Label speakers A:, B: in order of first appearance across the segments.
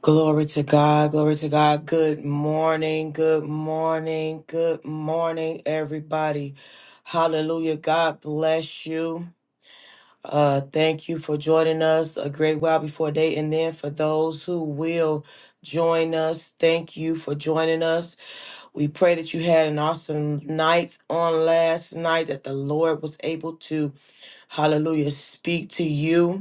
A: Glory to God. Glory to God. Good morning. Good morning. Good morning, everybody. Hallelujah. God bless you. Uh, thank you for joining us a great while before day. And then for those who will join us, thank you for joining us. We pray that you had an awesome night on last night, that the Lord was able to, hallelujah, speak to you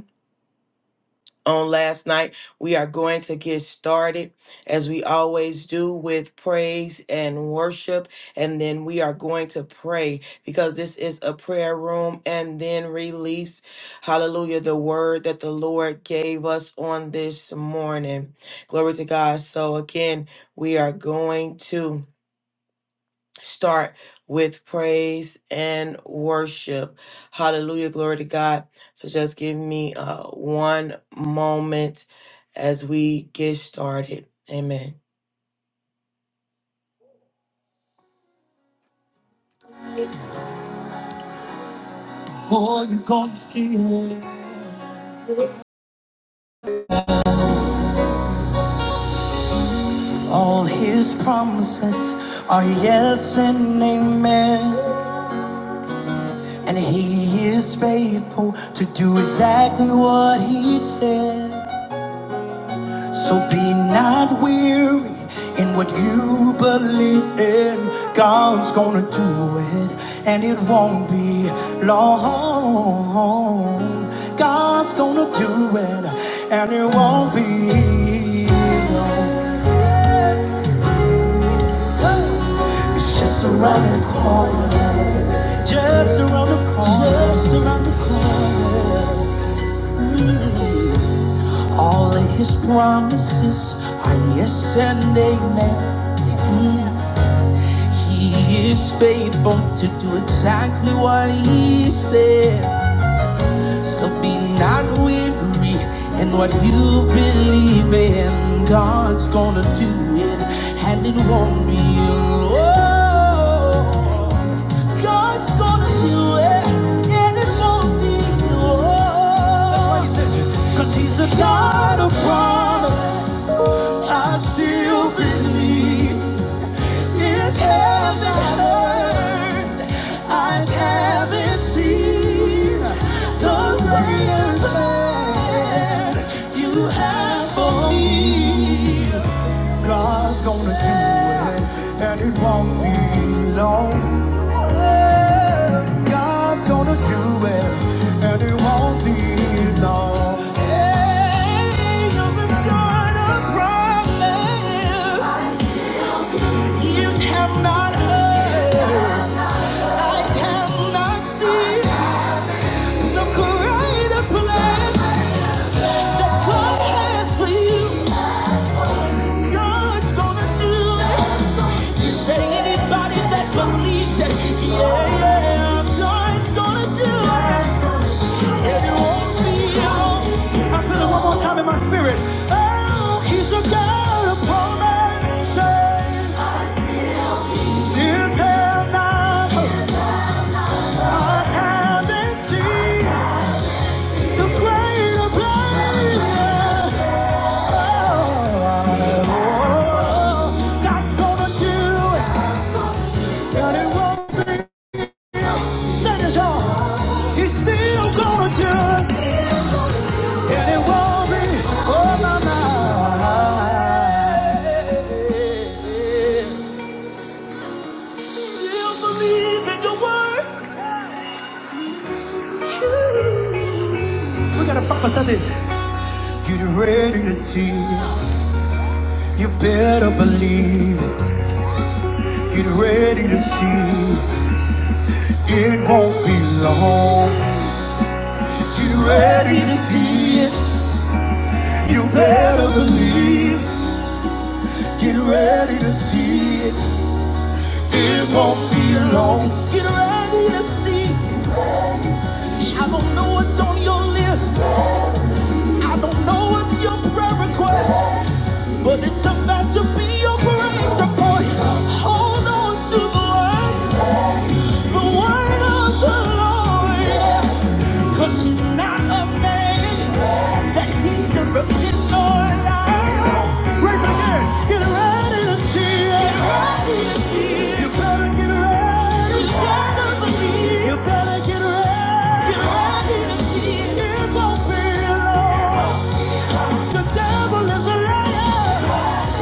A: on last night. We are going to get started as we always do with praise and worship. And then we are going to pray because this is a prayer room and then release, hallelujah, the word that the Lord gave us on this morning. Glory to God. So again, we are going to start with praise and worship. Hallelujah. Glory to God. So just give me uh, one moment as we get started. Amen. Oh, you're gonna see it. All his promises are yes and amen. And he is faithful to do exactly what he said. So be not weary in what you believe in. God's gonna do it, and it won't be long. God's gonna do it, and it won't be long. It's just around the corner. Just around the corner. Just around the corner. All of his promises are yes and amen. He is faithful to do exactly what he said. So be not weary in what you believe in. God's gonna do it, and it won't be alone. God's gonna do it, and it won't be alone. That's why he says it. Cause he's a God of promise. I still believe. Ears haven't heard, eyes haven't seen the greater plan you have for me. God's gonna do it, and it won't be long. God's gonna do it, and it won't be long. Hey, you've been a promise. Ears have not heard, eyes have not seen the greater plan God has for you. God's gonna do it. Is there anybody that believes it? Yeah, yeah, God's gonna do it. And it won't be I feel it one more time in my spirit. Oh, he's a God of promises. Ears have not He's still gonna do it, and it won't be on my mind. We gotta pop us this. Get ready to see, you better believe. it. Get ready to see, it won't be long. Get ready to see it. You better know. Get ready to see. I don't know what's on your list. I don't know what's your prayer request. But it's about to be your praise report. Hold on to the word. The word of the Lord. She's not a man that he should repent or lie. Raise again. hand, Get ready to see it. You better get ready. You better believe. You better get ready. Get ready to see it. It won't be long. The devil is a liar.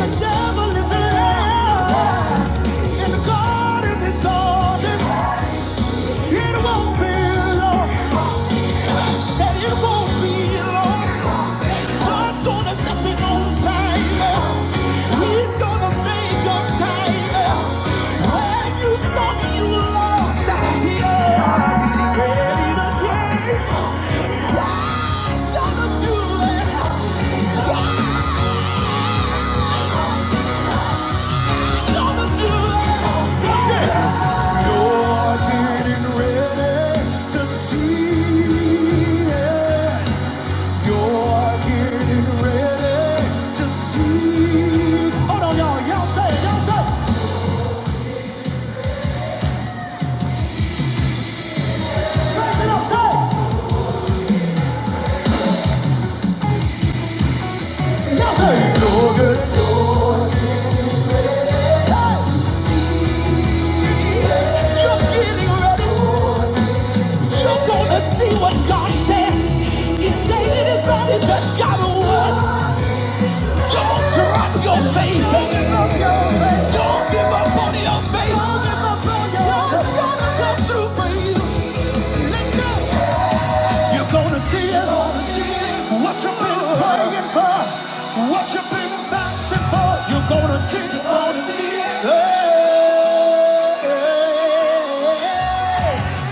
A: The devil is a liar. And God is exalted. It won't be long. Said it won't be long. God's gonna step in on time. He's gonna make up time. Where you thought you lost, yeah, he's ready to gain. God's gonna do it. Gonna do it. What's this? You're getting ready to see it. You're getting ready to see. Hold on, y'all. Y'all say, y'all say. Raise it up, say. Y'all say. You're getting, you're You're getting ready. You're gonna see what God said. Is anybody that got a word? Don't drop your faith. Don't give up on your faith. God's gonna come through for you. Let's go. You're gonna see it. What you've been praying for. What you've been fasting for. You're gonna see it. Hey,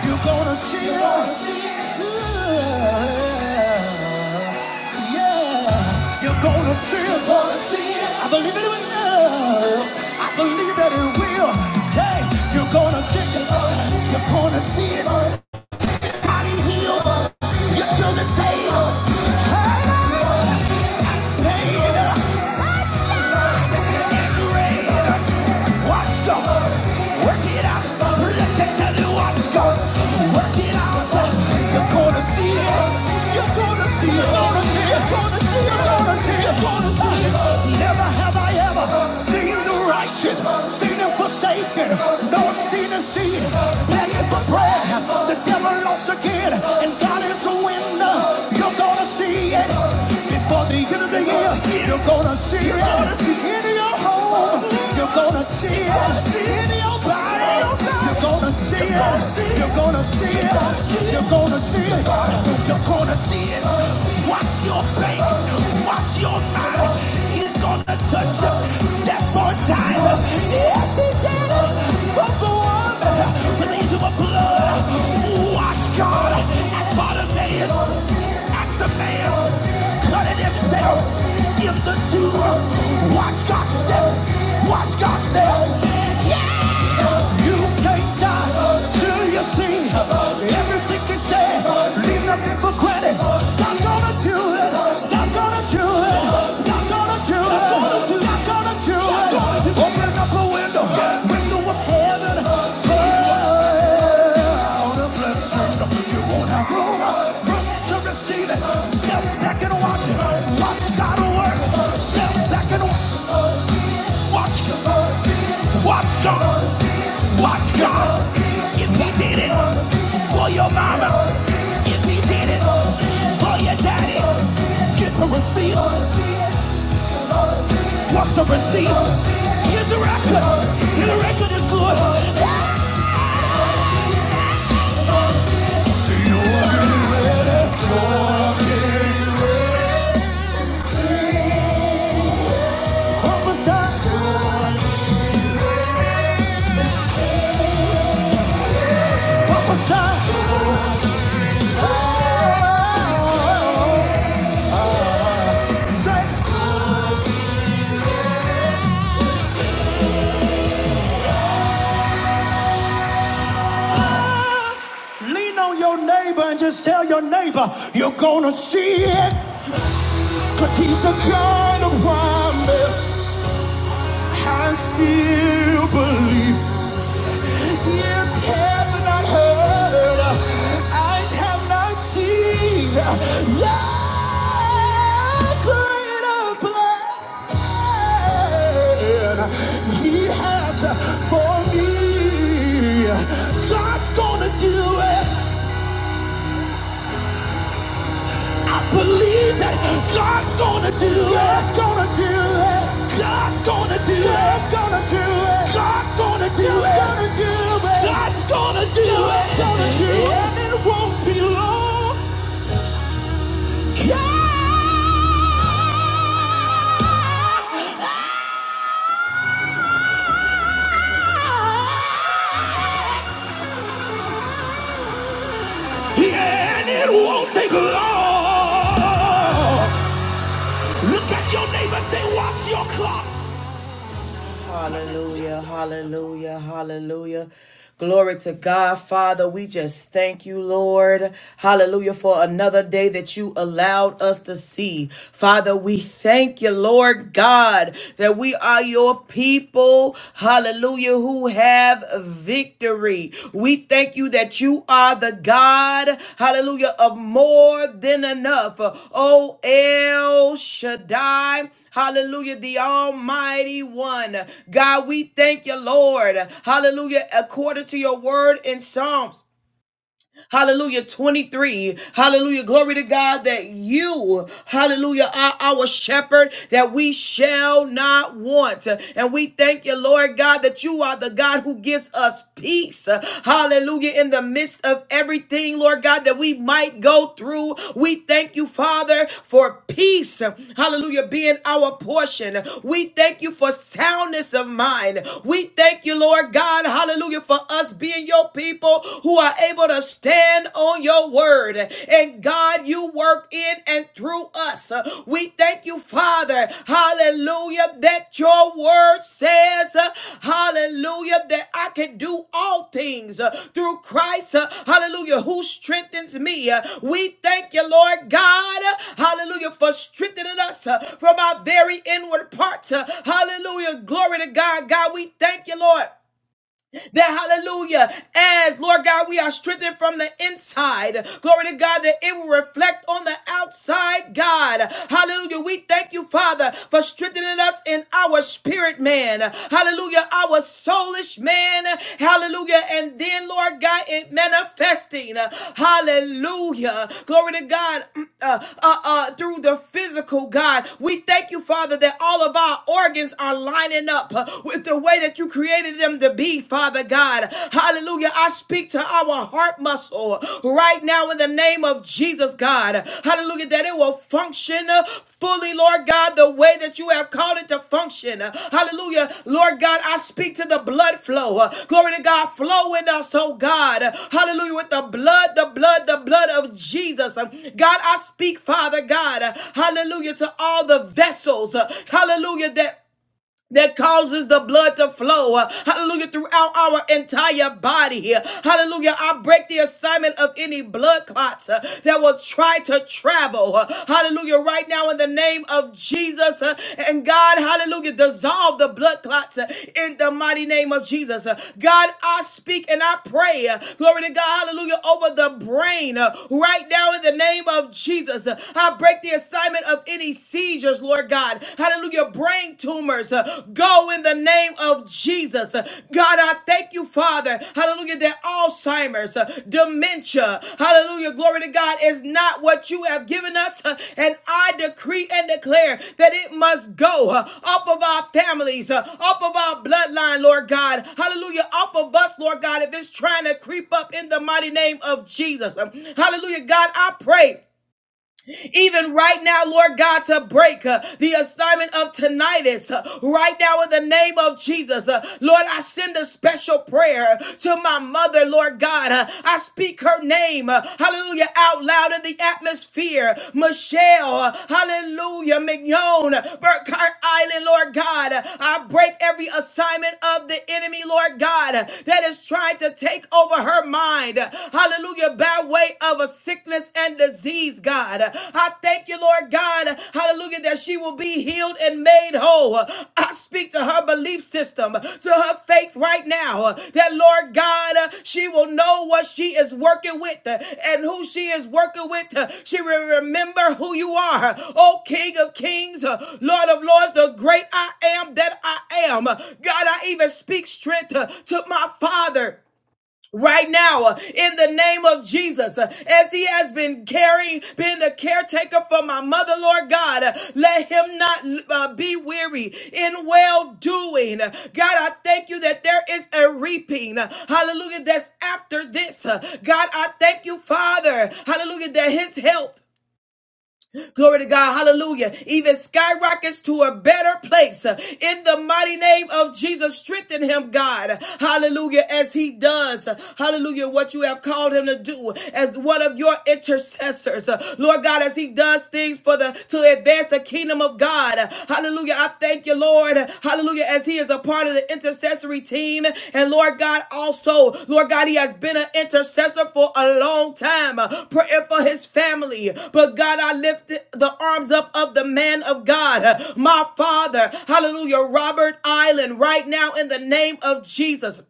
A: You're gonna see it. Yeah. Yeah. You're gonna see it. I believe it will. I believe that it will. Hey, you're gonna see it. You're gonna see it body heal. Your children save. Hallelujah. Watch God. Work it out. Watch God. Work it out. You're gonna see it. You're gonna see it. You're gonna see it. You're gonna see it sing it for the same. Never have I ever seen the righteous, seen him forsaken, nor seen a seed begging for bread. The devil lost again, and God is a winner. You're gonna see it before the end of the year. You're gonna see it in your home. You're gonna see it in your body. You're gonna see it. You're gonna see it. You're gonna see it. You're gonna see it. Watch your bank. Watch your mind. He's gonna touch you. Step on time. Yes, he did it. From the woman, release of blood. Watch God. That's Bartimaeus against a man, cutting himself in the tomb. Watch God step, watch God step. Yeah! You can't die till you see everything you say. Leave nothing for credit. God's gonna do it. God's gonna do it. God's gonna do it. God's gonna do it. God's gonna do it. Open up a window, window of heaven. out a blessing. You won't have room room to receive it. Step back and watch it. Watch God work. Step back and watch God. Watch God. Watch God. If He did it for your mama, if He did it for your daddy, get the receipt. What's the receipt? Here's the record. And the record is good. See you What was that? What was that? Oh, say, lean on your neighbor and just tell your neighbor you're gonna see it. 'Cause he's the kind of promise I still believe. ears have not heard, eyes have not seen the greater plan He has for me. God's gonna do it. I believe that God's gonna do it. God's gonna do it. God's gonna do it. God's gonna do it. God's gonna do it. God's gonna do it. God's gonna do it. And it won't be long. God. Yeah, and it won't take long. Look at your neighbor. Say, watch your clock. Hallelujah, hallelujah, hallelujah. Glory to God, Father. We just thank you, Lord. Hallelujah, for another day that you allowed us to see. Father, we thank you, Lord God, that we are your people. Hallelujah, who have victory. We thank you that you are the God, hallelujah, of more than enough. Oh, El Shaddai. Hallelujah, the Almighty One. God, we thank you, Lord. Hallelujah, according to your word in Psalms. Hallelujah 23. Hallelujah. Glory to God that you, hallelujah, are our shepherd that we shall not want. And we thank you, Lord God, that you are the God who gives us peace. Hallelujah. In the midst of everything, Lord God, that we might go through, we thank you, Father, for peace. Hallelujah. Being our portion. We thank you for soundness of mind. We thank you, Lord God. Hallelujah. For us being your your people who are able to stand on your word. And God, you work in and through us. We thank you, Father. Hallelujah. That your word says, uh, hallelujah, that I can do all things uh, through Christ. uh, Hallelujah. Who strengthens me. Uh, We thank you, Lord God. uh, Hallelujah. For strengthening us uh, from our very inward parts. uh, Hallelujah. Glory to God. God, we thank you, Lord. That hallelujah, as Lord God, we are strengthened from the inside. Glory to God that it will reflect on the outside, God. Hallelujah. We thank you, Father, for strengthening us in our spirit man. Hallelujah. Our soulish man. Hallelujah. And then, Lord God, it manifesting. Hallelujah. Glory to God. Uh, uh, uh, through the physical, God. We thank you, Father, that all of our organs are lining up with the way way that you created them to be, Father God. Hallelujah. I speak to our heart muscle right now in the name of Jesus, God. Hallelujah. That it will function uh, fully, Lord God, the way that you have called it to function. Hallelujah. Lord God, I speak to the blood flow. Uh, Glory to God. Flow in us, oh God. Hallelujah. With the blood, the blood, the blood of Jesus. Um, God, I speak, Father God. uh, Hallelujah. To all the vessels. uh, Hallelujah. That that causes the blood to flow. uh, Hallelujah. Throughout our entire body here. Hallelujah. I break the assignment of any blood clots uh, that will try to travel. uh, Hallelujah. Right now in the name of Jesus. uh, And God, hallelujah, dissolve the blood clots uh, in the mighty name of Jesus. Uh, God, I speak and I pray. uh, Glory to God. Hallelujah. Over the brain uh, right now in the name of Jesus. Uh, I break the assignment of any seed amnesias, Lord God. Hallelujah. Brain tumors uh, go in the name of Jesus. Uh, God, I thank you, Father. Hallelujah. That Alzheimer's, uh, dementia, hallelujah. Glory to God is not what you have given us. Uh, And I decree and declare that it must go uh, off of our families, uh, off of our bloodline, Lord God. Hallelujah. Off of us, Lord God, if it's trying to creep up in the mighty name of Jesus. Um, Hallelujah. God, I pray even right now, Lord God, to break uh, the assignment of tinnitus uh, right now in the name of Jesus. Uh, Lord, I send a special prayer to my mother, Lord God. Uh, I speak her name, uh, hallelujah, out loud in the atmosphere. Michelle, uh, hallelujah, Mignon, Burkhart, island, Lord God. I break every assignment of the enemy, Lord God, that is trying to take over her mind. Hallelujah. By way of a sickness and disease, God. I thank you, Lord God. Hallelujah. That she will be healed and made whole. I speak to her belief system wisdom to her faith right now. uh, That Lord God, uh, she will know what she is working with uh, and who she is working with. uh, She will remember who you are. Oh, King of Kings, uh, Lord of Lords, the great I am that I am. Uh, God, I even speak strength uh, to my father right now uh, in the name of Jesus. Uh, As he has been caring, been the caretaker for my mother, Lord God, uh, let him not uh, be weary in well doing. God, I thank you that there is a reaping, uh, hallelujah, that's after this. Uh, God, I thank you, Father, hallelujah, that his health. Glory to God. Hallelujah. Even skyrockets to a better place. In the mighty name of Jesus, strengthen him, God. Hallelujah. As he does. Hallelujah. What you have called him to do as one of your intercessors. Lord God, as he does things for the to advance the kingdom of God. Hallelujah. I thank you, Lord you, Lord. Hallelujah. As he is a part of the intercessory team. And Lord God, also, Lord God, he has been an intercessor for a long time, uh, praying for his family. But God, I lift the arms up of the man of God, uh, my father. Hallelujah. Robert Island, right now in the name of Jesus.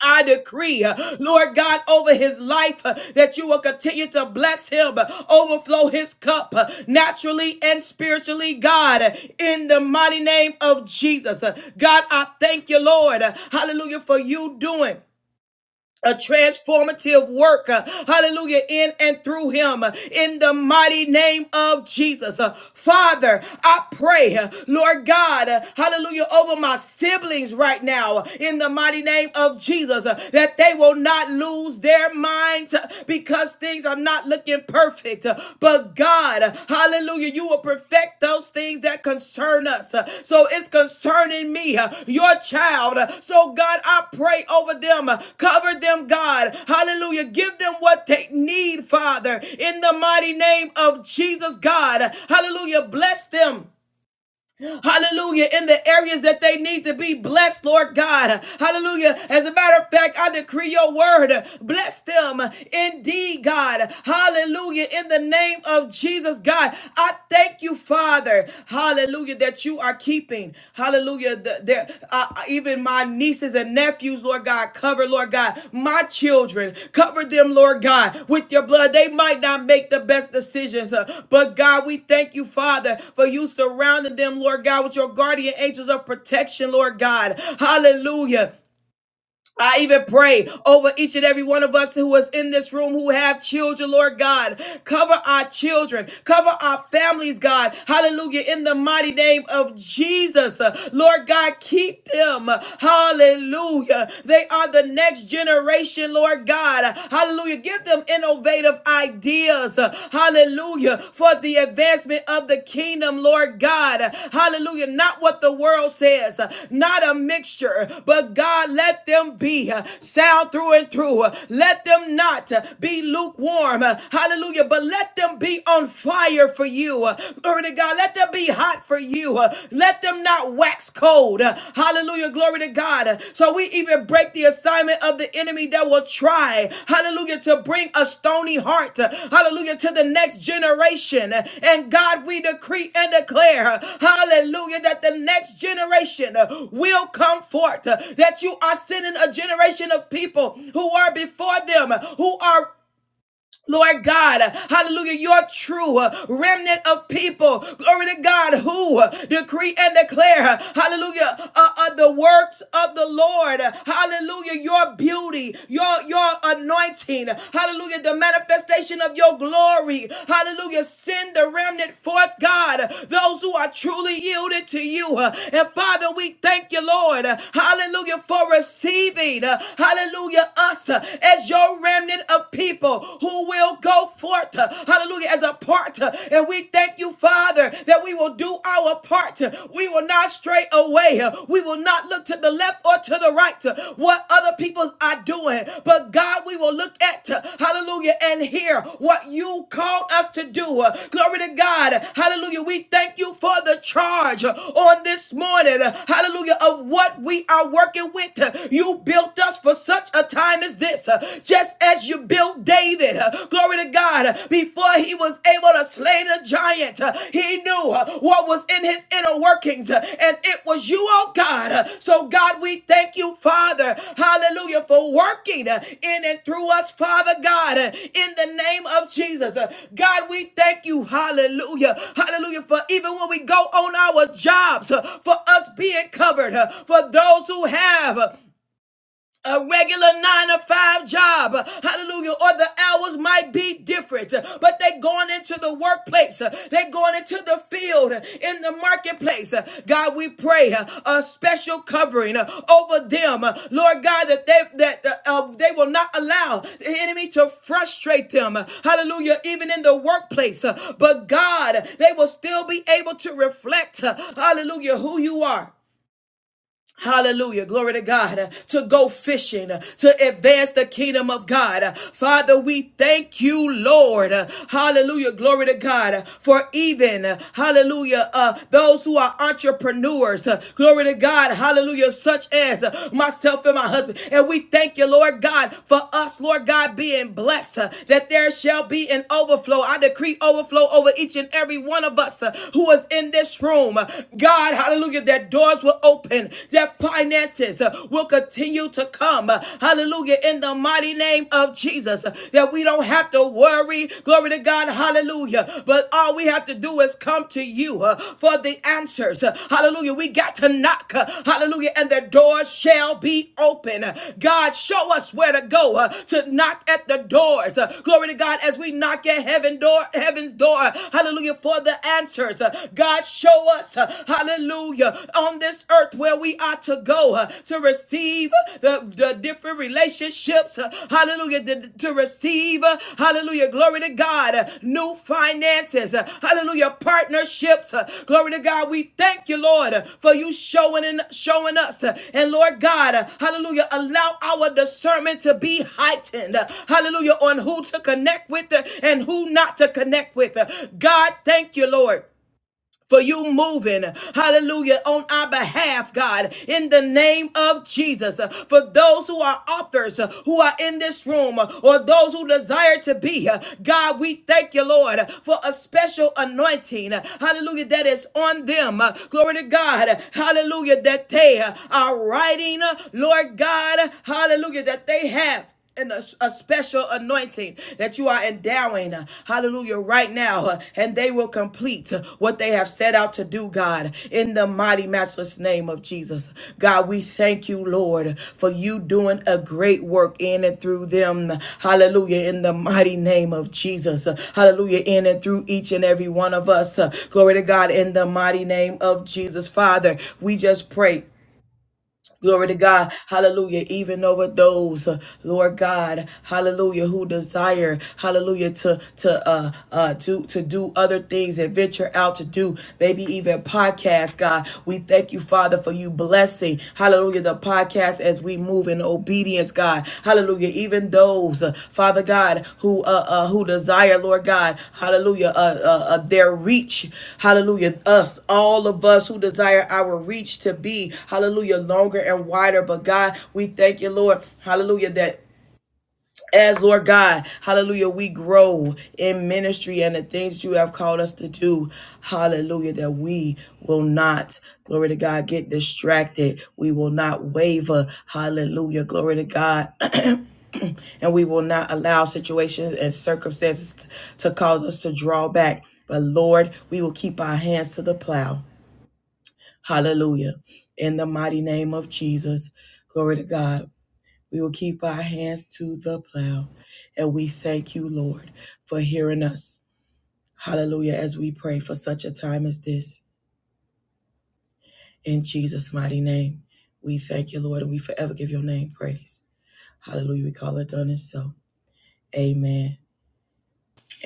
A: I decree, uh, Lord God, over his life uh, that you will continue to bless him, uh, overflow his cup uh, naturally and spiritually, God, uh, in the mighty name of Jesus. Uh, God, I thank you, Lord. uh, Hallelujah, for you doing a transformative work, uh, hallelujah, in and through him, uh, in the mighty name of Jesus. Uh, Father, I pray, uh, Lord God, uh, hallelujah, over my siblings right now, uh, in the mighty name of Jesus, uh, that they will not lose their minds uh, because things are not looking perfect perfect. But God, hallelujah, you will perfect those things that concern us. So it's concerning me, your child. So God, I pray over them, cover them, God. Hallelujah. Give them what they need, Father, in the mighty name of Jesus, God. Hallelujah. Bless them hallelujah, in the areas that they need to be blessed, Lord God, hallelujah. As a matter of fact, I decree your word, bless them indeed, God, hallelujah, in the name of Jesus, God. I thank you, Father, hallelujah, that you are keeping, hallelujah, the, there, uh, even my nieces and nephews, Lord God, cover, Lord God, my children, cover them, Lord God, with your blood. They might not make the best decisions, uh, but God, we thank you, Father, for you surrounding them, Lord God, with your guardian angels of protection, Lord God. Hallelujah. I even pray over each and every one of us who is in this room who have children, Lord God. Cover our children, cover our families, God. Hallelujah. In the mighty name of Jesus, Uh, Lord God, keep them. Hallelujah. They are the next generation, Lord God. Hallelujah. Give them innovative ideas. Hallelujah hallelujah, for the advancement of the kingdom, Lord God. Hallelujah. Not what the world says, not a mixture, but God, let them be sound through and through. Let them not be lukewarm, hallelujah, but let them be on fire for you. Glory to God. Let them be hot for you. Let them not wax cold. Hallelujah. Glory to God. So we even break the assignment of the enemy that will try, hallelujah, to bring a stony heart, hallelujah, to the next generation. And God, we decree and declare, hallelujah, that the next generation will come forth, that you are sending a generation of people who are before them, who are Lord God, hallelujah, your true remnant of people, glory to God, who decree and declare, hallelujah, uh, uh, the works of the Lord, hallelujah, your beauty, your, your anointing, hallelujah, the manifestation of your glory, hallelujah, send the remnant forth, God, those who are truly yielded to you. And Father, we thank you, Lord, hallelujah, for receiving, hallelujah, us as your remnant remnant of people who will go forth, uh, hallelujah, as a part. uh, And we thank you, Father, that we will do our part. uh, We will not stray away. uh, We will not look to the left or to the right, uh, what other people are doing. But God, we will look at, uh, hallelujah, and hear what you called us to do. Uh, Glory to God. Hallelujah. We thank you for the charge uh, on this morning. uh, Hallelujah. Of what we are working with. Uh, You built us for such a time as this. uh, Just as you built David, uh, glory to God, uh, before he was able to slay the giant, uh, he knew uh, what was in his inner workings, uh, and it was you, oh God. Uh, So, God, we thank you, Father, hallelujah, for working uh, in and through us, Father God, uh, in the name of Jesus. Uh, God, we thank you, hallelujah, hallelujah, for even when we go on our jobs, uh, for us being covered, uh, for those who have. uh, a regular nine to five job, hallelujah, or the hours might be different, but they going into the workplace, they going into the field, in the marketplace. God, we pray a special covering over them, Lord God, that they that uh, uh, they will not allow the enemy to frustrate them, hallelujah, even in the workplace. But God, they will still be able to reflect, hallelujah, who you are Hallelujah. Glory to God. To go fishing, to advance the kingdom of God. Father, we thank you, Lord. Hallelujah. Glory to God. For even, hallelujah, uh, those who are entrepreneurs. Glory to God. Hallelujah. Such as myself and my husband. And we thank you, Lord God, for us, Lord God, being blessed uh, that there shall be an overflow. I decree overflow over each and every one of us uh, who is in this room. God, hallelujah, that their doors will open, their finances uh, will continue to come. Uh, Hallelujah. In the mighty name of Jesus, uh, that we don't have to worry. Glory to God. Hallelujah. But all we have to do is come to you uh, for the answers. Uh, Hallelujah. We got to knock. Uh, Hallelujah. And the doors shall be open. Uh, God, show us where to go uh, to knock at the doors. Uh, Glory to God. As we knock at heaven door, heaven's door. Hallelujah. For the answers. Uh, God, show us us, uh, hallelujah, on this earth where we are to go uh, to receive uh, the, the different relationships, uh, hallelujah, to, receive, uh, hallelujah, glory to God, uh, new finances, uh, hallelujah, partnerships, uh, glory to God. We thank you, Lord, uh, for you showing and showing us, uh, and Lord God, uh, hallelujah, allow our discernment to be heightened, uh, hallelujah, on who to connect with uh, and who not to connect with. Uh, God, thank you, Lord for you moving, hallelujah, on our behalf, God, in the name of Jesus. For those who are authors, uh, who are in this room, uh, or those who desire to be, uh, God, we thank you, Lord, for a special anointing, uh, hallelujah, that is on them. Uh, Glory to God, hallelujah, that they uh, are writing, uh, Lord God, hallelujah, that they have and a, a special anointing that you are endowing, uh, hallelujah, right now, uh, and they will complete uh, what they have set out to do, God, in the mighty, matchless name of Jesus. God, we thank you, Lord, for you doing a great work in and through them, hallelujah, in the mighty name of Jesus, Uh, hallelujah, in and through each and every one of us. Uh, Glory to God, in the mighty name of Jesus. Father, we just pray. Glory to God. Hallelujah. Even over those, uh, Lord God, hallelujah, who desire, hallelujah, to to uh uh to to do other things and venture out to do maybe even podcasts, God. We thank you, Father, for you blessing, hallelujah, the podcast as we move in move in obedience, God. Hallelujah. Even those, uh, Father God, who uh, uh, who desire, Lord God, Hallelujah, uh, uh, uh, their reach, Hallelujah. Us, all of us who desire our reach to be, Hallelujah, longer and wider. But God, we thank you, Lord, Hallelujah, that as Lord God, hallelujah, we grow in ministry and the things you have called us to do, hallelujah, that we will not, glory to God, get distracted. We will not waver, hallelujah, glory to God, and we will not allow situations and circumstances to cause us to draw back. But Lord, we will keep our hands to the plow, hallelujah, in the mighty name of Jesus, glory to God. We will keep our hands to the plow. And we thank you, Lord, for hearing us. Hallelujah, as we pray for such a time as this. In Jesus' mighty name, we thank you, Lord, and we forever give your name praise. Hallelujah, we call it done and so. Amen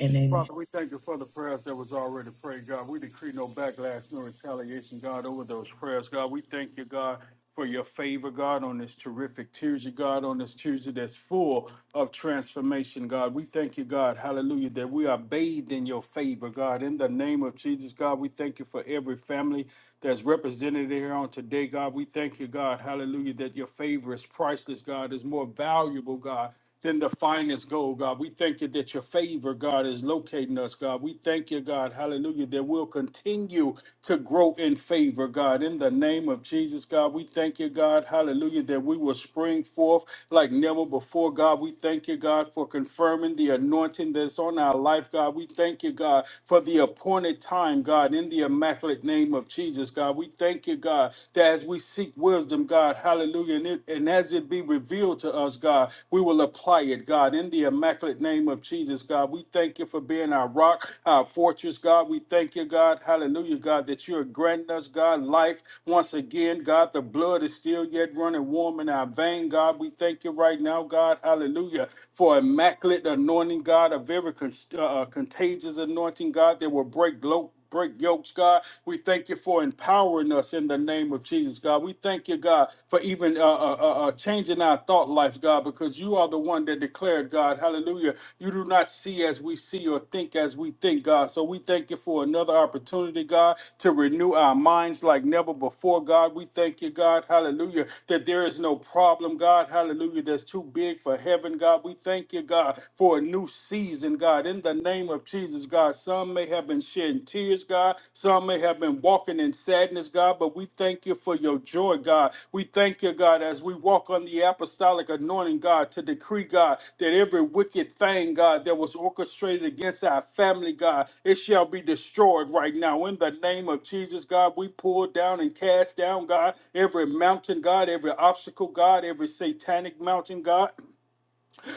A: and amen.
B: Father, we thank you for the prayers that was already prayed, God. We decree no backlash, no retaliation, God, over those prayers, God. We thank you, God, for your favor, God, on this terrific Tuesday, God, on this Tuesday that's full of transformation, God. We thank you, God, hallelujah, that we are bathed in your favor, God. In the name of Jesus, God, we thank you for every family that's represented here on today, God. We thank you, God, hallelujah, that your favor is priceless, God, is more valuable, God than the finest gold, God. We thank you that your favor, God, is locating us, God. We thank you, God, hallelujah, that we'll continue to grow in favor, God. In the name of Jesus, God, we thank you, God, hallelujah, that we will spring forth like never before, God. We thank you, God, for confirming the anointing that's on our life, God. We thank you, God, for the appointed time, God, in the immaculate name of Jesus, God. We thank you, God, that as we seek wisdom, God. Hallelujah. And, it, and as it be revealed to us, God, we will apply it, God, in the immaculate name of Jesus, God. We thank you for being our rock, our fortress, God. We thank you, God. Hallelujah, God, that you're granting us, God, life once again, God. The blood is still yet running warm in our vein, God. We thank you right now, God. Hallelujah, for immaculate anointing, God, of every con- uh, uh, contagious anointing, God, that will break lo- break yokes, God. We thank you for empowering us in the name of Jesus, God. We thank you, God, for even uh, uh, uh, uh, changing our thought life, God, because you are the one that declared, God, hallelujah. You do not see as we see or think as we think, God. So we thank you for another opportunity, God, to renew our minds like never before, God. We thank you, God, hallelujah, that there is no problem, God, hallelujah, that's too big for heaven, God. We thank you, God, for a new season, God, in the name of Jesus, God. Some may have been shedding tears, God. Some may have been walking in sadness, God, but we thank you for your joy, God. We thank you, God, as we walk on the apostolic anointing, God, to decree, God, that every wicked thing, God, that was orchestrated against our family, God, it shall be destroyed right now. In the name of Jesus, God, we pull down and cast down, God, every mountain, God, every obstacle, God, every satanic mountain, God.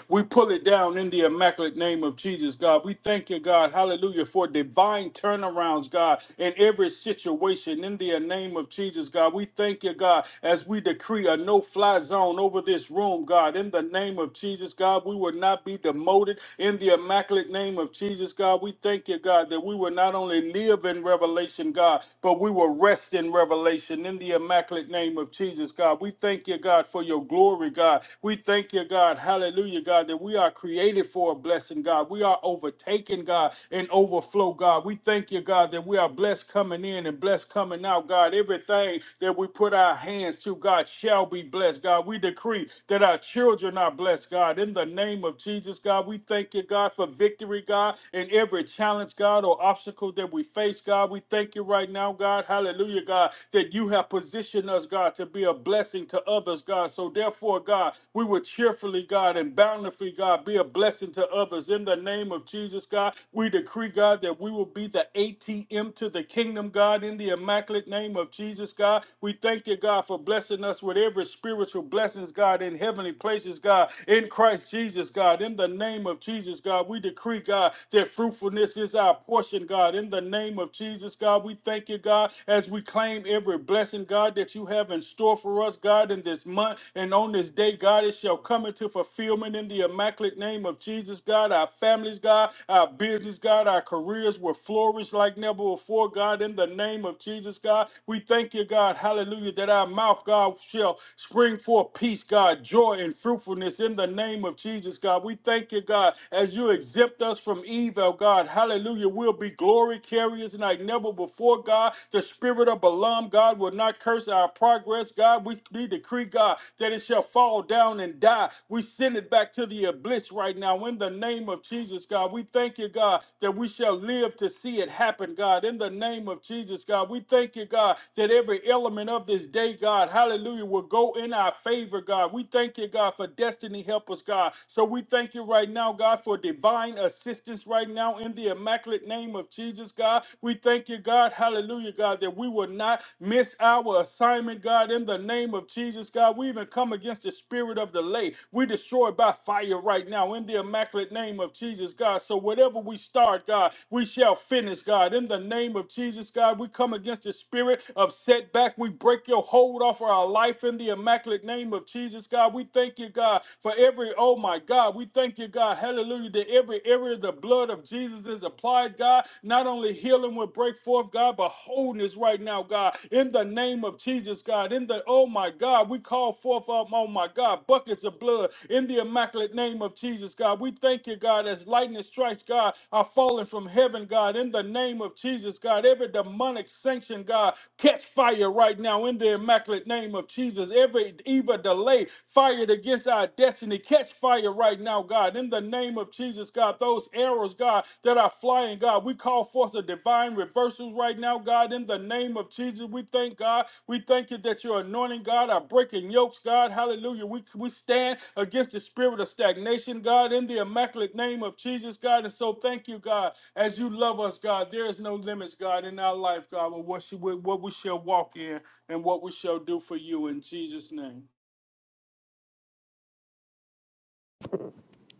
B: We pull it down in the immaculate name of Jesus, God. We thank you, God. Hallelujah. For divine turnarounds, God, in every situation in the name of Jesus, God. We thank you, God, as we decree a no fly zone over this room, God. In the name of Jesus, God, we will not be demoted in the immaculate name of Jesus, God. We thank you, God, that we will not only live in revelation, God, but we will rest in revelation in the immaculate name of Jesus, God. We thank you, God, for your glory glory, God. We thank you, God. Hallelujah, God, that we are created for a blessing, God. We are overtaken, God, and overflow, God. We thank you, God, that we are blessed coming in and blessed coming out, God. Everything that we put our hands to, God, shall be blessed, God. We decree that our children are blessed, God. In the name of Jesus, God, we thank you, God, for victory, God, in every challenge, God, or obstacle that we face, God. We thank you right now, God. Hallelujah, God, that you have positioned us position us, God, to be a blessing to others, God. So therefore, God, we will cheerfully, God, and bountifully, God, be a blessing to others. In the name of Jesus, God, we decree, God, that we will be the ATM to the kingdom, God, in the immaculate name of Jesus, God. We thank you, God, for blessing us with every spiritual blessings, God, in heavenly places, God, in Christ Jesus, God. In the name of Jesus, God, we decree, God, that fruitfulness is our portion, God. In the name of Jesus, God, we thank you, you, God, as we claim every blessing, God, that you have in store for us, God, in this month and on this day, God, it shall come into fulfillment in the immaculate name of Jesus, God. Our families, God, our business, God, our careers will flourish like never before, God, in the name of Jesus, God. We thank you, God, hallelujah, that our mouth, God, shall spring forth peace, God, joy, and fruitfulness in the name of Jesus, God. We thank you, God, as you exempt us from evil, God, hallelujah. We'll will be glory carriers like never before, God. The spirit of Balaam, God, will not curse our progress, God. We, we decree, God, that it shall fall down and die. We send it back to the abyss right now in the name of Jesus, God. We thank you, God, that we shall live to see it happen, God. In the name of Jesus, God, we thank you, God, that every element of this day, God, hallelujah, will go in our favor, God. We thank you, God, for destiny help us, God. So we thank you right now, God, for divine divine assistance right now in the immaculate name of Jesus, God. We thank you, God. Hallelujah, God, that we will not miss our assignment, God, in the name of Jesus, God. We even come against the spirit of delay. We destroy by fire right now in the immaculate name of Jesus, God. So whatever we start, God, we shall finish, God. In the name of Jesus, God, we come against the spirit of setback. We break your hold off of our life in the immaculate name of Jesus, God. We thank you, God, for every every, oh my God, we thank you, God, hallelujah, that every area the blood of Jesus is applied, God. Not only healing will break forth, God, but wholeness right now, God, in the name of Jesus, God, in the, oh my God, we call forth, um, oh my God, buckets of blood in the immaculate name of Jesus, God. We thank you, God, as lightning strikes, God, are falling from heaven, God, in the name of Jesus, God. Every demonic sanction, God, catch fire right now in the immaculate name of Jesus. Every even delay fired against our destiny. Catch fire right now, God. In the name of Jesus, God, those arrows, God, that are flying, God, we call forth a divine reversal right now, God. In the name of Jesus, we thank God. We thank you that your anointing, God, are breaking yokes, God. Hallelujah. We, we stand against the spirit of stagnation, God, in the immaculate name of Jesus, God. And so thank you, God, as you love us, God. There is no limits, God, in our life, God, with what, she, with what we shall walk in and what we shall do for you in Jesus' name.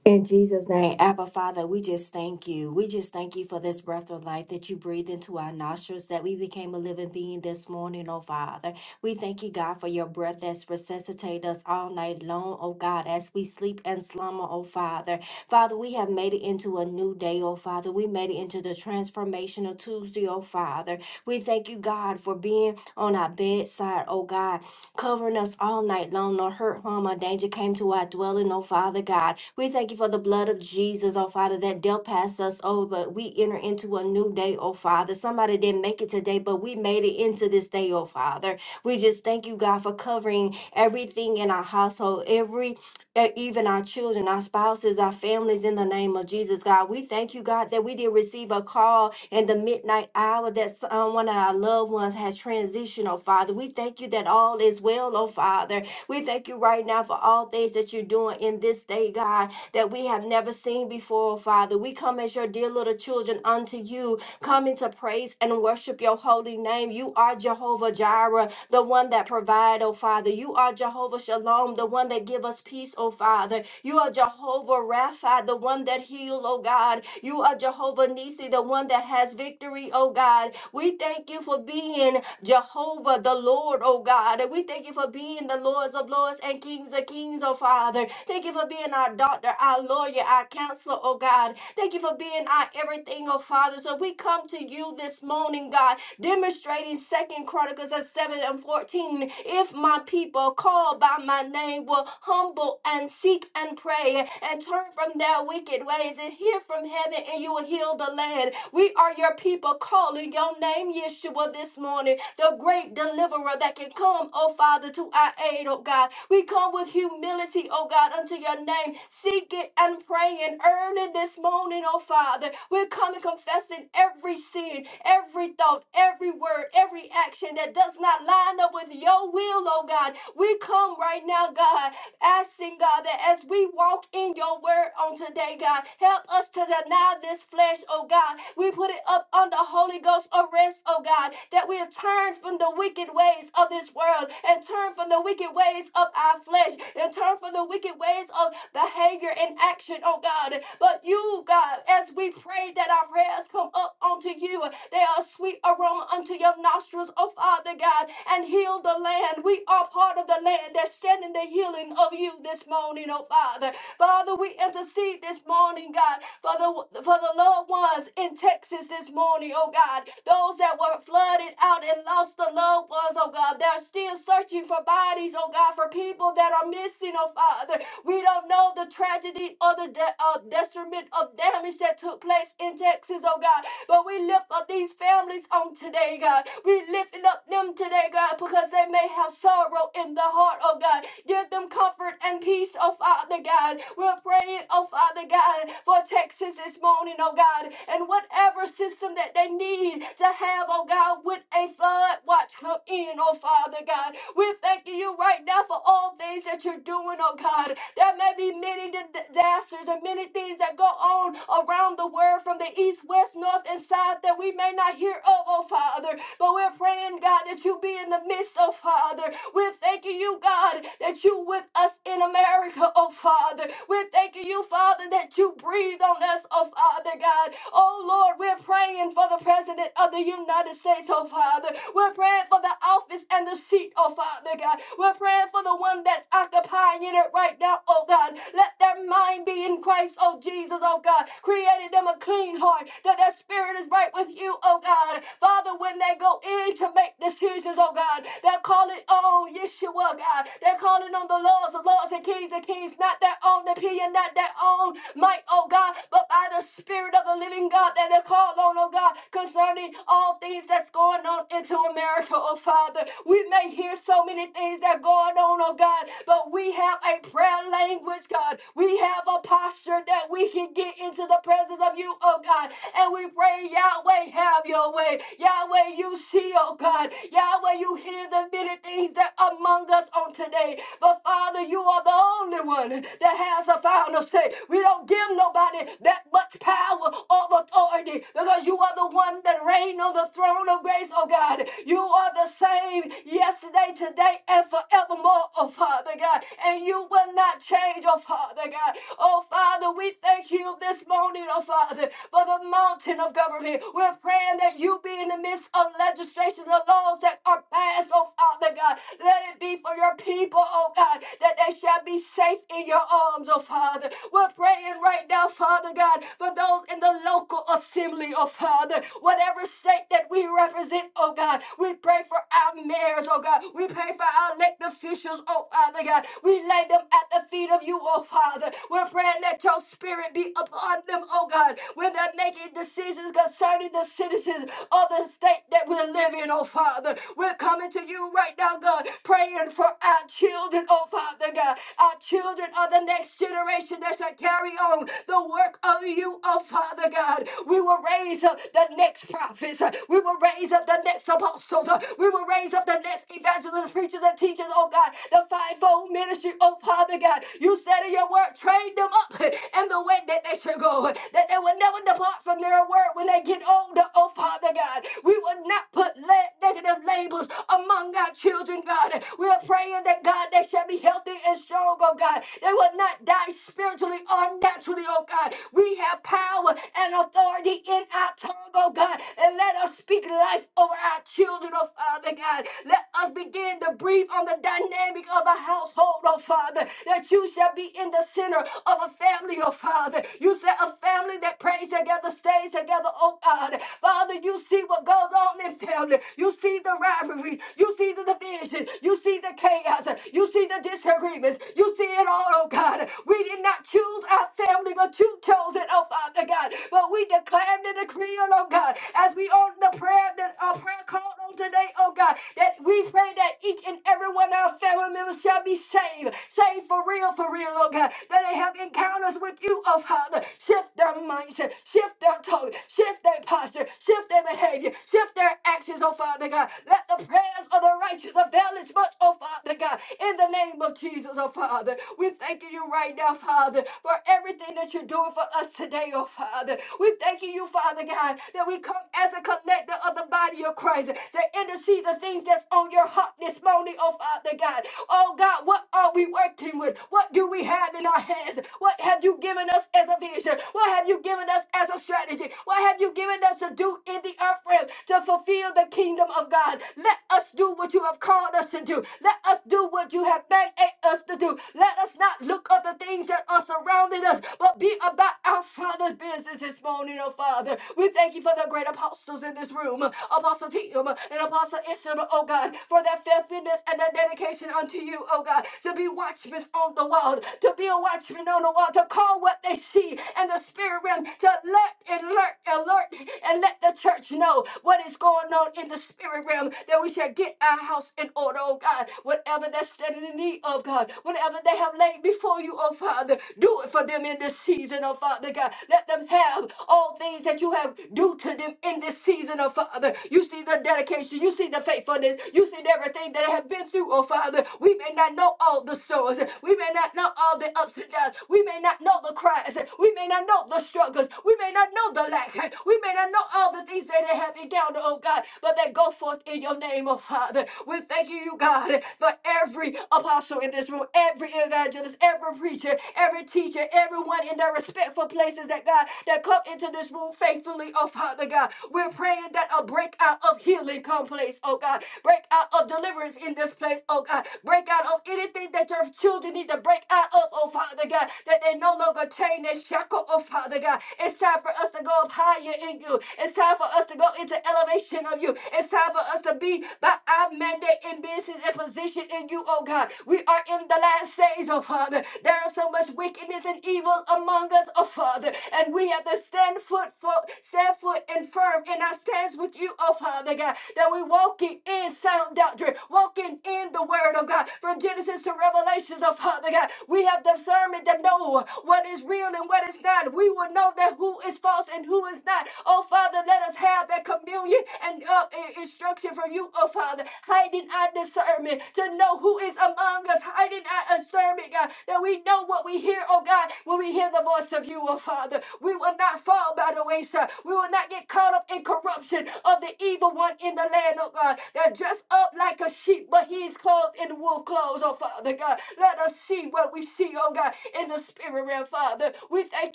C: In Jesus' name, Abba Father, we just thank you. We just thank you for this breath of life that you breathed into our nostrils, that we became a living being this morning, oh Father. We thank you, God, for your breath that's resuscitated us all night long, oh God, as we sleep and slumber, oh Father. Father, we have made it into a new day, oh Father. We made it into the transformational Tuesday, oh Father. We thank you, God, for being on our bedside, oh God covering us all night long. No hurt, harm, or danger came to our dwelling, oh Father God. We thank you for the blood of Jesus, oh Father, that dealt past us over, but we enter into a new day, oh Father. Somebody didn't make it today, but we made it into this day, oh Father. We just thank you, God, for covering everything in our household, every that even our children, our spouses, our families, in the name of Jesus, God. We thank you, God, that we did receive a call in the midnight hour that someone of our loved ones has transitioned, oh Father. We thank you that all is well, oh Father. We thank you right now for all things that you're doing in this day, God, that we have never seen before, oh Father. We come as your dear little children unto you Come into praise and worship your holy name. You are Jehovah Jireh, the one that provide, oh Father. You are Jehovah Shalom, the one that give us peace, oh Father. You are Jehovah Rapha, the one that heal, oh God. You are Jehovah Nisi, the one that has victory, oh God. We thank you for being Jehovah the Lord, oh God. And we thank you for being the Lords of Lords and Kings of Kings, oh Father. Thank you for being our doctor, our lawyer, our counselor, oh God. Thank you for being our everything, oh oh Father. So we come to you this morning, God, demonstrating Second Chronicles of 7 and 14. If my people called by my name will humble and seek and pray and turn from their wicked ways and hear from heaven and you will heal the land. We are your people calling your name, Yeshua, this morning, the great deliverer that can come, oh Father, to our aid, oh God. We come with humility, oh God, unto your name, seeking and praying early this morning, oh Father. Father. We're coming confessing every sin, every thought, every word, every action that does not line up with your will, oh God. We come right now, God, asking God that as we walk in your word on today, God, help us to deny this flesh, oh God. We put it up under Holy Ghost arrest, oh God, that we turn from the wicked ways of this world and turn from the wicked ways of our flesh and turn from the wicked ways of behavior and action, oh God. But you, Ooh, God, as we pray that our prayers come up unto you, they are a sweet aroma unto your nostrils, oh Father God, and heal the land. We are part of the land that's standing the healing of you this morning, oh Father. Father, we intercede this morning, God, for the for the loved ones in Texas this morning, oh God. Those that were flooded out and lost the loved ones, oh God. They're still searching for bodies, oh God, for people that are missing, oh Father. We don't know the tragedy or the de- uh, of detriment of damage that took place in Texas, oh God. But we lift up these families on today, God. We lifting up them today, God, because they may have sorrow in the heart, oh God. Give them comfort and peace, oh Father God. We're praying, oh Father God, for Texas this morning, oh God, and whatever system that they need to have, oh God, with a flood watch come in, oh Father God. We're thanking you right now for all things that you're doing, oh God. There may be many today disasters and many things that go on around the world from the east, west, north, and south that we may not hear of, oh Father. But we're praying, God, that you be in the midst, oh Father. We're thanking you, God, that you with us in America, oh Father. We're thanking you, Father, that you breathe on us, oh Father God. Oh Lord, we're praying for the President of the United States, oh Father. We're praying for the office and the seat, oh Father God. We're praying for the one that's occupying it right now, oh God. God. Let their mind be in Christ, oh Jesus, oh God. Created them a clean heart, that their spirit is right with you, oh God. Father, when they go in to make decisions, oh God, they're calling on Yeshua, God. They're calling on the laws of laws and kings of kings, not their own opinion, not their own might, oh God, but by the Spirit of the living God that they're called on, oh God, concerning all things that's going on into America, oh Father. We may hear so many things that are going on, oh God, but we have a prayer prayer language, God. We have a posture that we can get into the presence of you, oh God. And we pray, Yahweh, have your way. Yahweh, you see, oh God. Yahweh, you hear the many things that are among us on today. But Father, you are the only one that has a final say. We don't give nobody that much power or authority because you are the one that reigns on the throne of grace, oh God. You are the same yesterday, today, and forevermore, oh Father God. God, and you will not change, oh Father God. Oh Father, we thank you this morning, oh Father, for the mountain of government. We're praying that you be in the midst of legislations of laws that are passed, oh Father God. Let it be for your people, oh God, that they shall be safe in your arms, oh Father. We're praying right now, Father God, for those in the local assembly, oh Father, whatever state that we represent, oh God. We pray for our mayors, oh God. We pray for our elected officials, angels, oh Father God. We lay them at the feet of you, oh Father. We're praying that your spirit be upon them, oh God, when they're making decisions concerning the citizens of the state that we live in, oh Father. We're coming to you right now, God, praying for our children, oh Father God. Our children are the next generation that shall carry on the work of you, oh Father God. We will raise up the next prophets. We will raise up the next apostles. We will raise up the next evangelists, preachers, and that teaches, oh God, the fivefold ministry, oh Father God. You said in your word, train them up in the way that they should go, that they will never depart from their word when they get older, oh Father God. We will not put le- negative labels among our children, God. We are praying that, God, they shall be healthy and strong, oh God. They will not die spiritually or naturally, oh God. We have power and authority in our tongue, oh God. And let us speak life over our children, oh Father God. Let us be begin to breathe on the dynamic of a household, oh Father, that you shall be in the center of a family, oh Father. You said a family that prays together stays together, oh God. Father, you see what goes on in family. You see the rivalry. You see the division. You see the chaos. You see the disagreements. You see it all, oh God. We did not choose our family, but you chose it, oh Father God. But we declare and decree, oh God, as we on the prayer, the uh, prayer call on today, oh God, that we pray that each and every one of our family members shall be saved. Saved for real, for real, oh God. That they have encounters with you, oh Father. Shift their mindset, shift their tone, shift their posture, shift their behavior, shift their actions, oh Father God. Let the prayers of the righteous avail as much, oh Father God. In the name of Jesus, oh Father, we thank you right now, Father, for everything that you're doing for us today, oh Father. We thank you, Father God, that we come as a collector of of the body of Christ to intercede the things that's on your heart this morning, oh Father God. Oh God, what are we working with? What do we have in our hands? What have you given us as a vision? What have you given us as a strategy? What have you given us to do in the earth realm to fulfill the kingdom of God? Let us do what you have called us to do. Let us do what you have mandated us to do. Let us not look at the things that are surrounding us, but be about our Father's business this morning, oh Father. We thank you for the great apostle apostles in this room, Apostle Tim and Apostle Isham, oh God, for their faithfulness and their dedication unto you, oh God, to be watchmen on the wall, to be a watchman on the wall, to call what they see in the spirit realm, to let alert, alert, and let the church know what is going on in the spirit realm, that we shall get our house in order, oh God, whatever they're standing in need of, God, whatever they have laid before you, oh Father, do it for them in this season, oh Father God. Let them have all things that you have due to to them in this season, oh Father. You see the dedication, you see the faithfulness, you see everything that they have been through, oh Father. We may not know all the stories, we may not know all the ups and downs, we may not know the cries, we may not know the struggles, we may not know the lack, we may not know all the things that they have encountered, oh God, but they go forth in your name, oh Father. We thank you, you God, for every apostle in this room, every evangelist, every preacher, every teacher, everyone in their respectful places that God that come into this room faithfully faithfully, oh Father God. We're praying that a breakout of healing come place, oh God. Breakout of deliverance in this place, oh God. Breakout of anything that your children need to break out of, oh Father God. That they no longer chain and shackle, oh Father God. It's time for us to go up higher in you. It's time for us to go into elevation of you. It's time for us to be by our mandate in business and position in you, oh God. We are in the last days, oh Father. There is so much wickedness and evil among us, oh Father. And we have to stand foot, fo- stand foot and firm in our stands with you, oh Father God, that we walking in sound doctrine, walking in the word of God from Genesis to Revelations, oh Father God. We have discernment to know what is real and what is not. We will know that who is false and who is not. Oh Father, let us have that communion and uh, i- instruction from you, oh Father, hiding our discernment to know who is among us, hiding our discernment, God, that we know what we hear, oh God, when we hear the voice of you, oh Father. We will not fall by the wayside. We will not get caught up in corruption of the evil one in the land, oh God. They're dressed up like a sheep, but he's clothed in wolf clothes, oh Father God. Let us see what we see, oh God, in the spirit realm, Father. We thank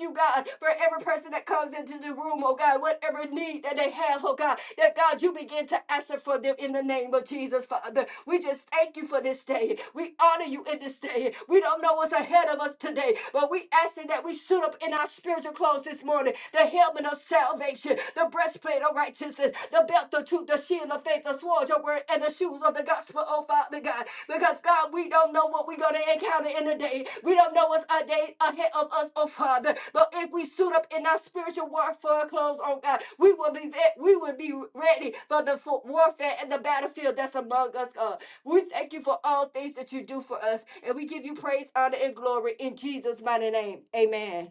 C: you, God, for every person that comes into the room, oh God, whatever need that they have, oh God, that God, you begin to answer for them in the name of Jesus, Father. We just thank you for this day. We honor you in this day. We don't know what's ahead of us today, but we asking that we suit up in our spirit spiritual clothes this morning, the helmet of salvation, the breastplate of righteousness, the belt of truth, the shield of faith, the sword, of your word, and the shoes of the gospel, oh Father God. Because God, we don't know what we're going to encounter in the day. We don't know what's a day ahead of us, oh Father. But if we suit up in our spiritual warfare clothes, oh God, we will be ve- we will be ready for the fo- warfare and the battlefield that's among us, God. We thank you for all things that you do for us, and we give you praise, honor, and glory in Jesus' mighty name. Amen.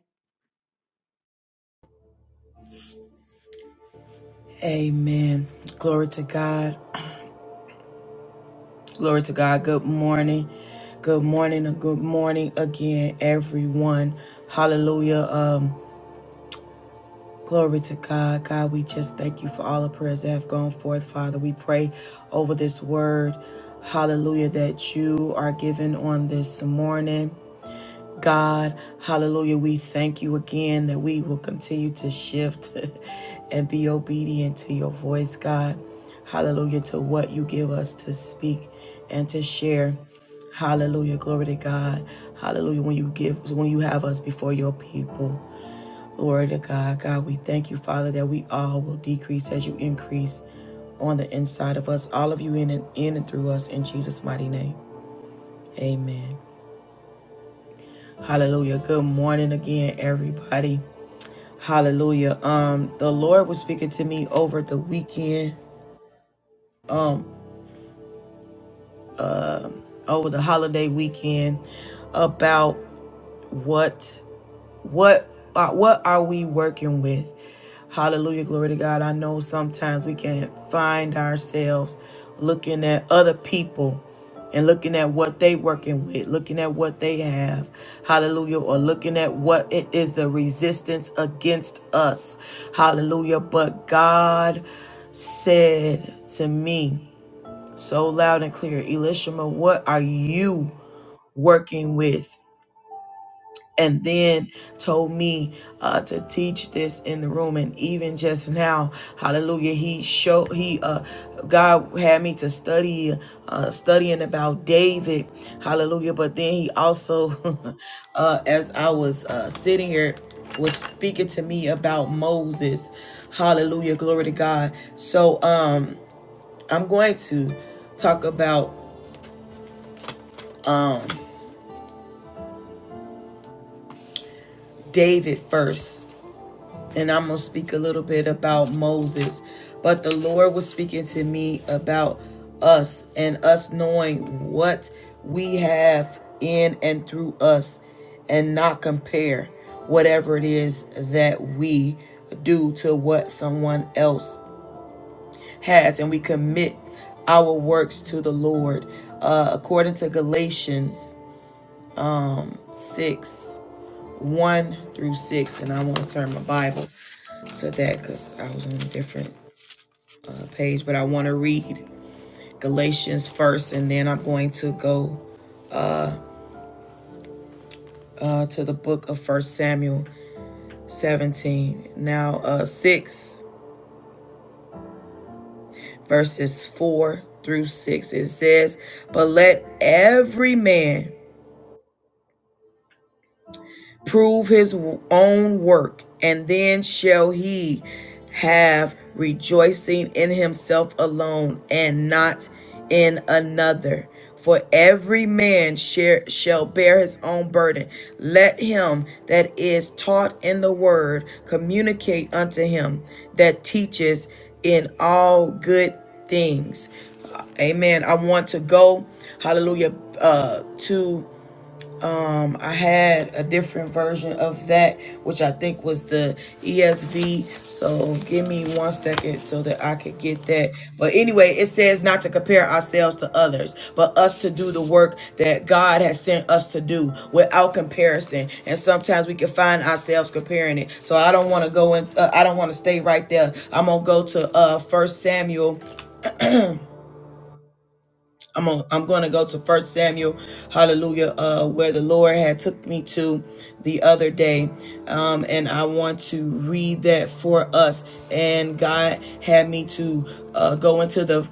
A: Amen. Glory to God. Glory to God. Good morning. Good morning and good morning again, everyone. Hallelujah. Um. Glory to God. God, we just thank you for all the prayers that have gone forth, Father. We pray over this word, hallelujah, that you are given on this morning. God, hallelujah, we thank you again that we will continue to shift and be obedient to your voice, God. Hallelujah, to what you give us to speak and to share. Hallelujah, glory to God. Hallelujah, when you give, when you have us before your people. Glory to God. God, we thank you, Father, that we all will decrease as you increase on the inside of us, all of you in and in and through us in Jesus' mighty name. Amen. Hallelujah. Good morning again, everybody. Hallelujah. Um, the Lord was speaking to me over the weekend, um, over the holiday weekend about what What uh, what are we working with? Hallelujah, glory to God. I know sometimes we can find ourselves looking at other people and looking at what they working with, looking at what they have, hallelujah, or looking at what it is the resistance against us, hallelujah. But God said to me so loud and clear, Elishama, what are you working with? and then told me uh, to teach this in the room and even just now hallelujah he showed he uh, god had me to study uh, studying about david hallelujah but then he also uh, as i was uh, sitting here was speaking to me about moses hallelujah glory to god so um i'm going to talk about david first and I'm going to speak a little bit about Moses. But the Lord was speaking to me about us and us knowing what we have in and through us and not compare whatever it is that we do to what someone else has. And we commit our works to the Lord. Uh, according to Galatians 6 1 through 6, and I want to turn my Bible to that because I was on a different page, but I want to read Galatians first, and then I'm going to go uh, to the book of First Samuel 17. Now, uh, 6 verses 4 through 6, it says, But let every man prove his own work, and then shall he have rejoicing in himself alone and not in another. For every man share, shall bear his own burden. Let him that is taught in the word communicate unto him that teaches in all good things. Amen. I want to go, hallelujah, uh, to um, I had a different version of that, which I think was the ESV. So give me one second so that I could get that. But anyway, it says not to compare ourselves to others, but us to do the work that God has sent us to do without comparison. And sometimes we can find ourselves comparing it. So I don't want to go in. Uh, I don't want to stay right there. I'm gonna go to uh First Samuel. I'm gonna, I'm gonna go to First Samuel, Hallelujah, uh, where the Lord had took me to the other day, um, and I want to read that for us. And God had me to uh, go into the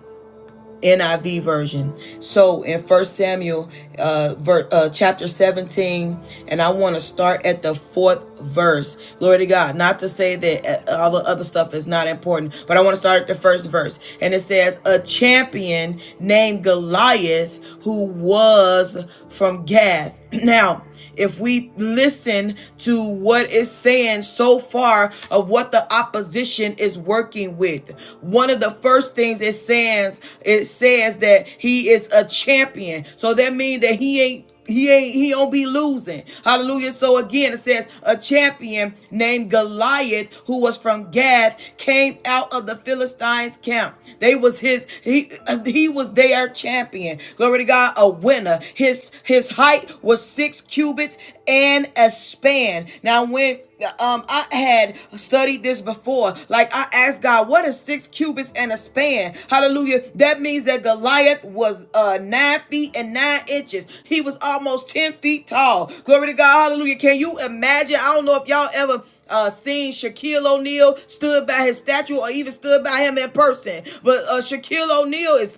A: NIV version. So in First Samuel uh, ver- uh, chapter 17, and I want to start at the fourth verse. Glory to God. Not to say that uh, all the other stuff is not important, but I want to start at the first verse. And it says, A champion named Goliath, who was from Gath. Now, if we listen to what is saying so far of what the opposition is working with, one of the first things it says it says that he is a champion. So that means that he ain't he ain't he don't be losing. Hallelujah. So again it says a champion named Goliath who was from Gath came out of the Philistines camp. They was his he he was their champion. Glory to God by a winner. His his height was six cubits and a span. Now when um I had studied this before. Like I asked God, what is six cubits and a span? Hallelujah. That means that Goliath was uh nine feet and nine inches. He was almost ten feet tall. Glory to God, hallelujah. Can you imagine? I don't know if y'all ever uh, seen Shaquille O'Neal stood by his statue or even stood by him in person. But uh, Shaquille O'Neal is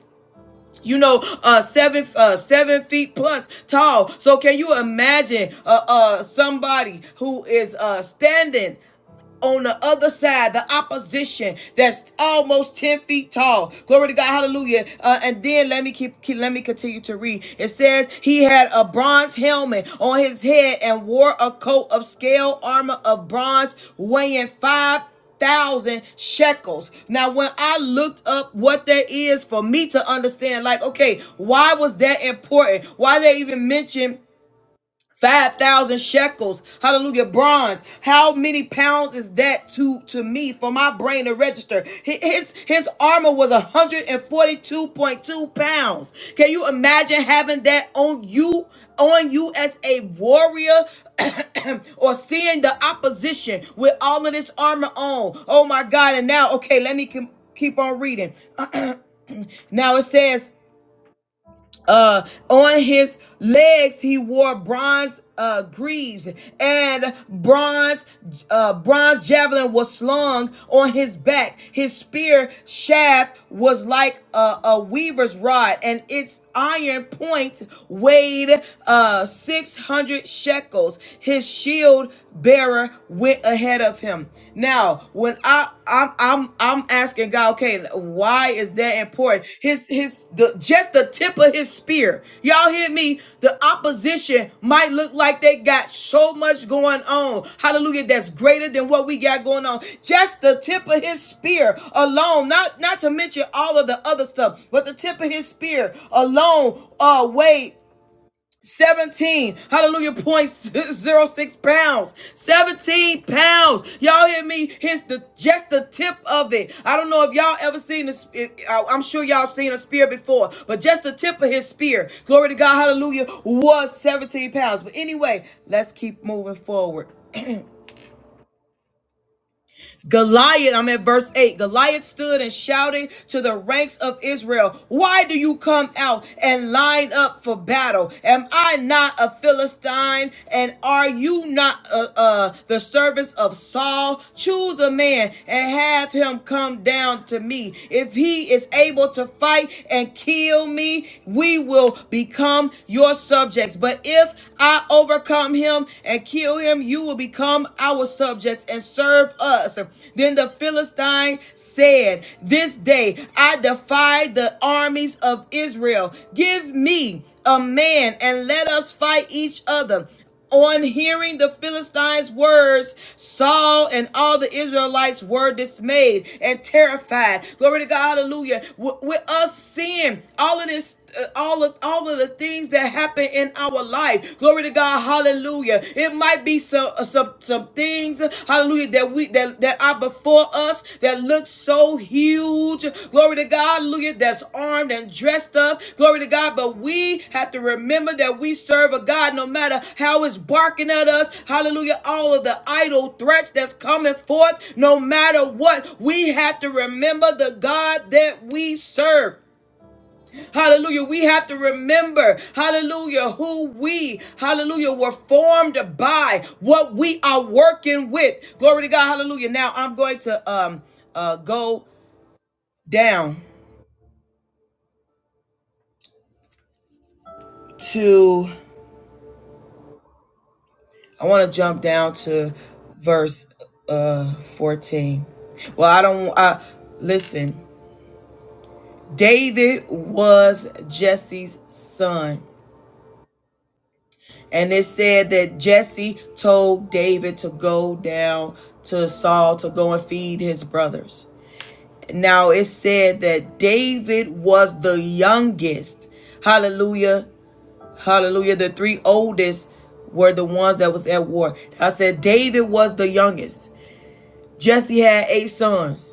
A: you know uh seven uh seven feet plus tall so can you imagine uh uh somebody who is uh standing on the other side, the opposition that's almost 10 feet tall. Glory to God, hallelujah. Uh, and then let me keep, keep let me continue to read. It says he had a bronze helmet on his head and wore a coat of scale armor of bronze weighing five thousand shekels. Now, when I looked up what that is for me to understand, like, okay, why was that important? Why they even mention? 5,000 shekels. Hallelujah. Bronze. How many pounds is that to, to me for my brain to register? His, his armor was 142.2 pounds. Can you imagine having that on you? On you as a warrior or seeing the opposition with all of this armor on. Oh my God. And now, okay, let me com- keep on reading. now it says, uh on his legs he wore bronze uh greaves and bronze uh bronze javelin was slung on his back his spear shaft was like a, a weaver's rod and its iron point weighed uh 600 shekels his shield bearer went ahead of him now now when I I'm I'm I'm asking God, okay, why is that important? His his the just the tip of his spear. Y'all hear me? The opposition might look like they got so much going on. Hallelujah, that's greater than what we got going on. Just the tip of his spear alone, not not to mention all of the other stuff, but the tip of his spear alone uh weighed 17 hallelujah point zero six pounds 17 pounds y'all hear me here's the just the tip of it i don't know if y'all ever seen this i'm sure y'all seen a spear before but just the tip of his spear glory to god hallelujah was 17 pounds but anyway let's keep moving forward Goliath, I'm at verse 8. Goliath stood and shouted to the ranks of Israel, Why do you come out and line up for battle? Am I not a Philistine? And are you not uh, uh, the servants of Saul? Choose a man and have him come down to me. If he is able to fight and kill me, we will become your subjects. But if I overcome him and kill kill him, you will become our subjects and serve us. Then the Philistine said, This day I defy the armies of Israel. Give me a man and let us fight each other. On hearing the Philistines' words, Saul and all the Israelites were dismayed and terrified. Glory to God, hallelujah. With, with us seeing all of this uh, all of all of the things that happen in our life. Glory to God, hallelujah. It might be some uh, some some things, hallelujah, that we that, that are before us that look so huge. Glory to God, hallelujah, that's armed and dressed up. Glory to God, but we have to remember that we serve a God no matter how it's barking at us. Hallelujah, all of the idle threats that's coming forth, no matter what, we have to remember the God that we serve. Hallelujah. We have to remember, hallelujah, who we, hallelujah, were formed by, what we are working with. Glory to God. Hallelujah. Now I'm going to um uh go down to I want to jump down to verse uh 14. Well, I don't uh listen. David was Jesse's son. And it said that Jesse told David to go down to Saul to go and feed his brothers. Now it said that David was the youngest. Hallelujah. Hallelujah. The three oldest were the ones that was at war. I said David was the youngest. Jesse had eight sons.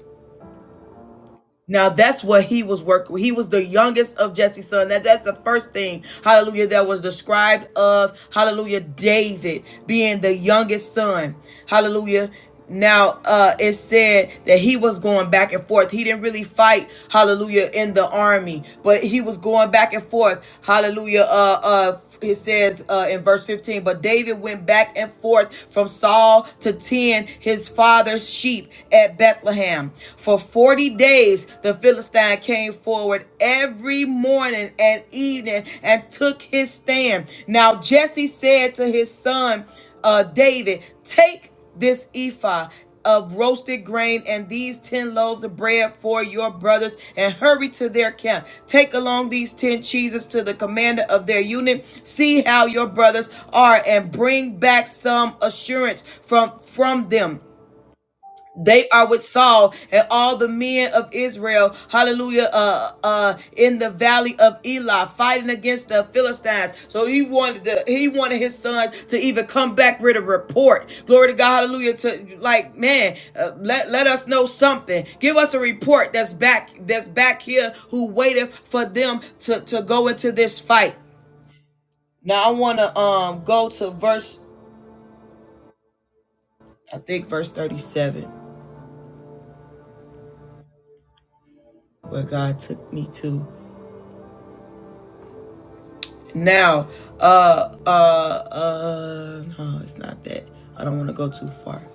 A: Now that's what he was working. with. He was the youngest of Jesse's son. That that's the first thing, hallelujah, that was described of hallelujah David being the youngest son. Hallelujah. Now uh it said that he was going back and forth. He didn't really fight, hallelujah, in the army, but he was going back and forth, hallelujah, uh uh it says uh, in verse 15, but David went back and forth from Saul to tend his father's sheep at Bethlehem. For 40 days, the Philistine came forward every morning and evening and took his stand. Now Jesse said to his son uh, David, Take this ephah of roasted grain and these 10 loaves of bread for your brothers and hurry to their camp. Take along these 10 cheeses to the commander of their unit. See how your brothers are and bring back some assurance from from them they are with Saul and all the men of Israel, hallelujah, uh, uh, in the valley of Elah, fighting against the Philistines. So he wanted the, he wanted his sons to even come back with a report. Glory to God, hallelujah, to like, man, uh, let, let us know something. Give us a report that's back, that's back here who waited for them to, to go into this fight. Now I want to um go to verse, I think verse 37, where God took me to. Now, uh, uh, uh, no, it's not that. I don't want to go too far.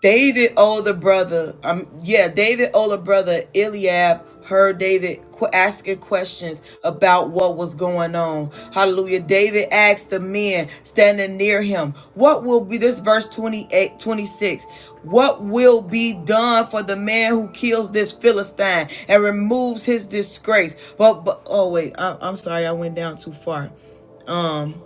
A: David older brother, um, yeah, David older brother Eliab heard David qu- asking questions about what was going on. Hallelujah. David asked the men standing near him, what will be this verse 28, 26? what will be done for the man who kills this Philistine and removes his disgrace? But, but oh wait, I, I'm sorry. I went down too far. Um,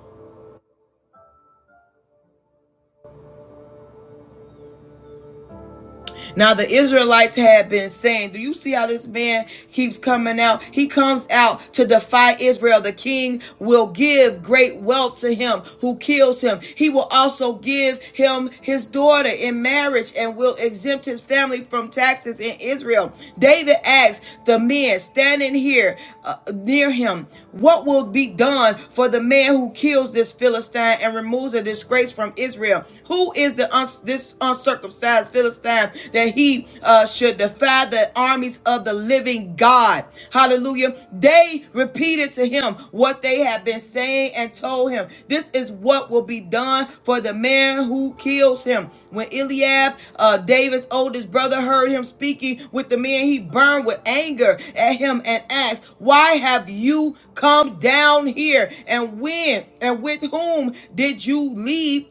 A: Now the Israelites had been saying, Do you see how this man keeps coming out? He comes out to defy Israel. The king will give great wealth to him who kills him. He will also give him his daughter in marriage and will exempt his family from taxes in Israel. David asked the men standing here uh, near him, What will be done for the man who kills this Philistine and removes a disgrace from Israel? Who is the uns- this this uncircumcised Philistine that he uh, should defy the armies of the living God. Hallelujah. They repeated to him what they had been saying and told him. This is what will be done for the man who kills him. When Eliab, uh, David's oldest brother, heard him speaking with the men, he burned with anger at him and asked, Why have you come down here? And when and with whom did you leave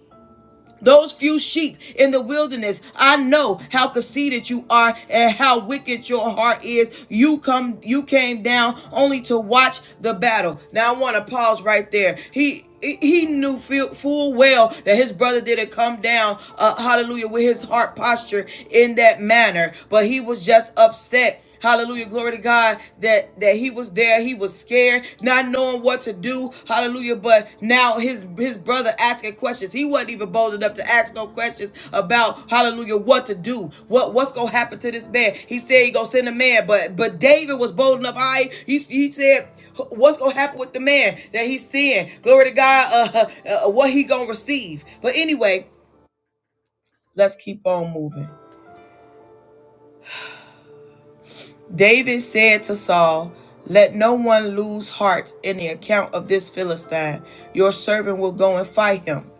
A: those few sheep in the wilderness, I know how conceited you are and how wicked your heart is. You come, you came down only to watch the battle. Now I want to pause right there. He he knew full full well that his brother didn't come down, uh, hallelujah, with his heart posture in that manner, but he was just upset, hallelujah, glory to God, that that he was there he was scared not knowing what to do hallelujah but now his his brother asking questions he wasn't even bold enough to ask no questions about hallelujah what to do what what's gonna happen to this man he said he gonna send a man but but david was bold enough i he, he said what's gonna happen with the man that he's seeing glory to god uh, uh what he gonna receive but anyway let's keep on moving David said to Saul, Let no one lose heart in the account of this Philistine. Your servant will go and fight him.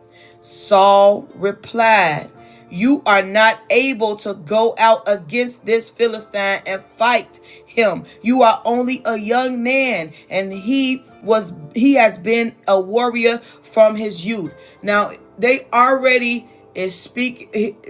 A: Saul replied, You are not able to go out against this Philistine and fight him. You are only a young man, and he was he has been a warrior from his youth. Now they already is speak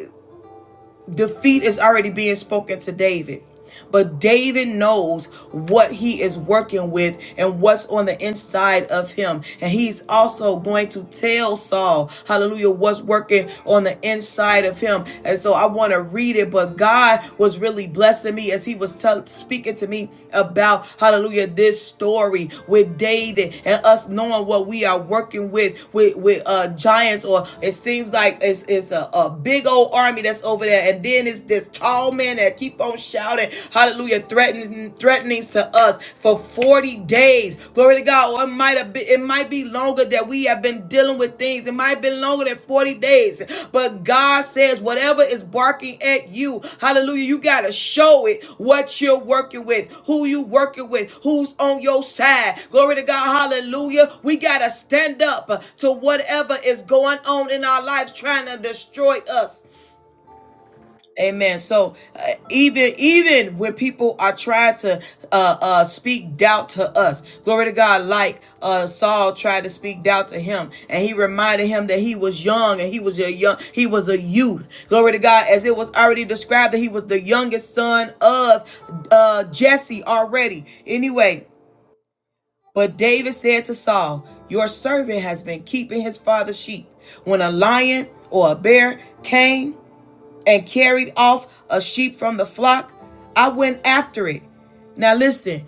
A: defeat is already being spoken to David. But David knows what he is working with and what's on the inside of him. And he's also going to tell Saul, hallelujah, what's working on the inside of him. And so I want to read it, but God was really blessing me as he was tell, speaking to me about, hallelujah, this story with David and us knowing what we are working with, with, with uh, giants, or it seems like it's, it's a, a big old army that's that's over there. And then it's this tall man that keep on shouting, hallelujah, threatening threatenings to us for 40 days. Glory to God. Or it might have been it might be longer that we have been dealing with things. It might have been longer than 40 days. But God says, whatever is barking at you, hallelujah, you gotta show it what you're working with, who you working with, who's on your side. Glory to God, hallelujah. We gotta stand up to whatever is going on in our lives trying to destroy us. Amen. So uh, even even when people are trying to uh, uh, speak doubt to us, glory to God, like uh, Saul tried to speak doubt to him, and he reminded him that he was young and he was a young he was a youth. Glory to God, as it was already described that he was the youngest son of uh, Jesse already. Anyway, but David said to Saul, Your servant has been keeping his father's sheep. When a lion or a bear came and carried off a sheep from the flock. I went after it. Now listen,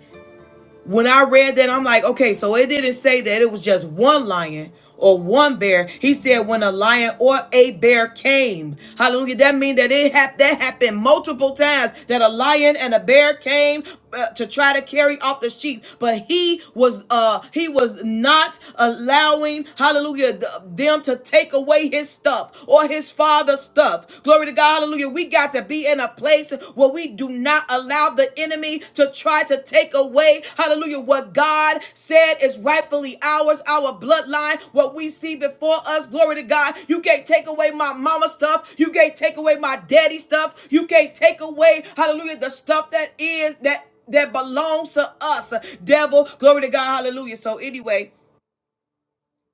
A: when I read that, I'm like, okay, so it didn't say that it was just one lion or one bear. He said when a lion or a bear came. Hallelujah. That means that it hap- that happened multiple times that a lion and a bear came uh, to try to carry off the sheep, but he was uh he was not allowing hallelujah th- them to take away his stuff or his father's stuff. Glory to God, hallelujah. We got to be in a place where we do not allow the enemy to try to take away, hallelujah, what God said is rightfully ours, our bloodline, what we see before us. Glory to God. You can't take away my mama stuff. You can't take away my daddy stuff. You can't take away, hallelujah, the stuff that is, that that belongs to us. Devil, glory to God, hallelujah. So anyway,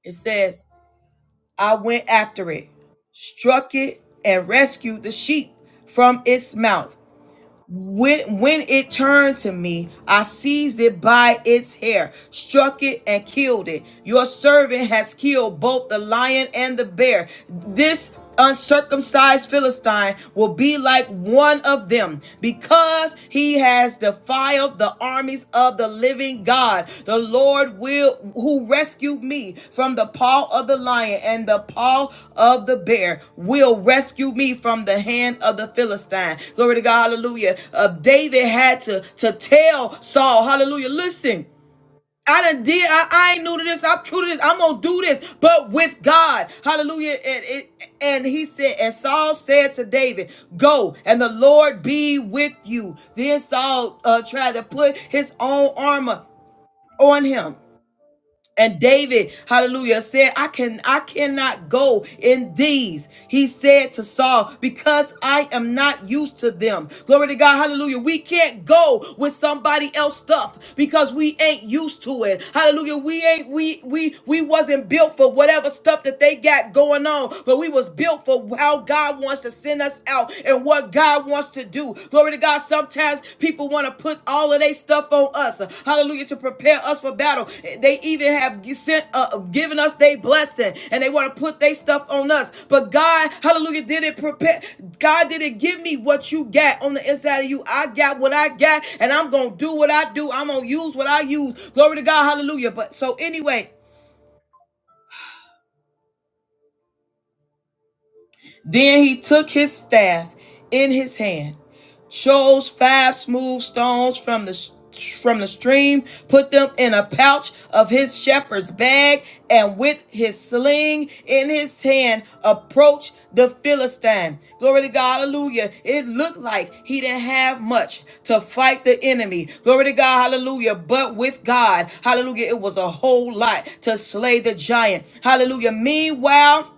A: it says I went after it, struck it, and rescued the sheep from its mouth. When, when it turned to me, I seized it by its hair, struck it, and killed it. Your servant has killed both the lion and the bear. This uncircumcised Philistine will be like one of them because he has defiled myself the armies of the living God. The Lord will who rescued me from the paw of the lion and the paw of the bear will rescue me from the hand of the Philistine. Glory to God, hallelujah. Uh, David had to, to tell Saul, hallelujah, listen. I done did. I, I ain't new to this. I'm true to this. I'm gonna do this, but with God, Hallelujah. And it and he said, and Saul said to David, "Go, and the Lord be with you." Then Saul uh, tried to put his own armor on him, and David, hallelujah, said, I can I cannot go in these. He said to Saul, because I am not used to them. Glory to God, hallelujah. We can't go with somebody else stuff because we ain't used to it. Hallelujah. We ain't we we we wasn't built for whatever stuff that they got going on, but we was built for how God wants to send us out and what God God wants to do. Glory to God. Sometimes people want to put all of their stuff on us. Hallelujah. To prepare us for battle. They even have sent, uh, given us their blessing and they want to put their stuff on us. But God, hallelujah, didn't prepare. God didn't give me what you got on the inside of you. I got what I got and I'm going to do what I do. I'm going to use what I use. Glory to God. Hallelujah. But so anyway, Then he took his staff in his hand, chose five smooth stones from the from the stream, put them in a pouch of his shepherd's bag, and with his sling in his hand, approached the Philistine. Glory to God, hallelujah. It looked like he didn't have much to fight the enemy. Glory to God, hallelujah. But with God, hallelujah, it was a whole lot to slay the giant. Hallelujah. Meanwhile,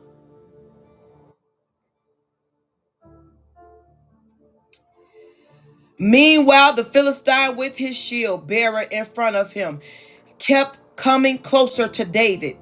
A: Meanwhile, the Philistine with his shield bearer in front of him kept coming closer to David.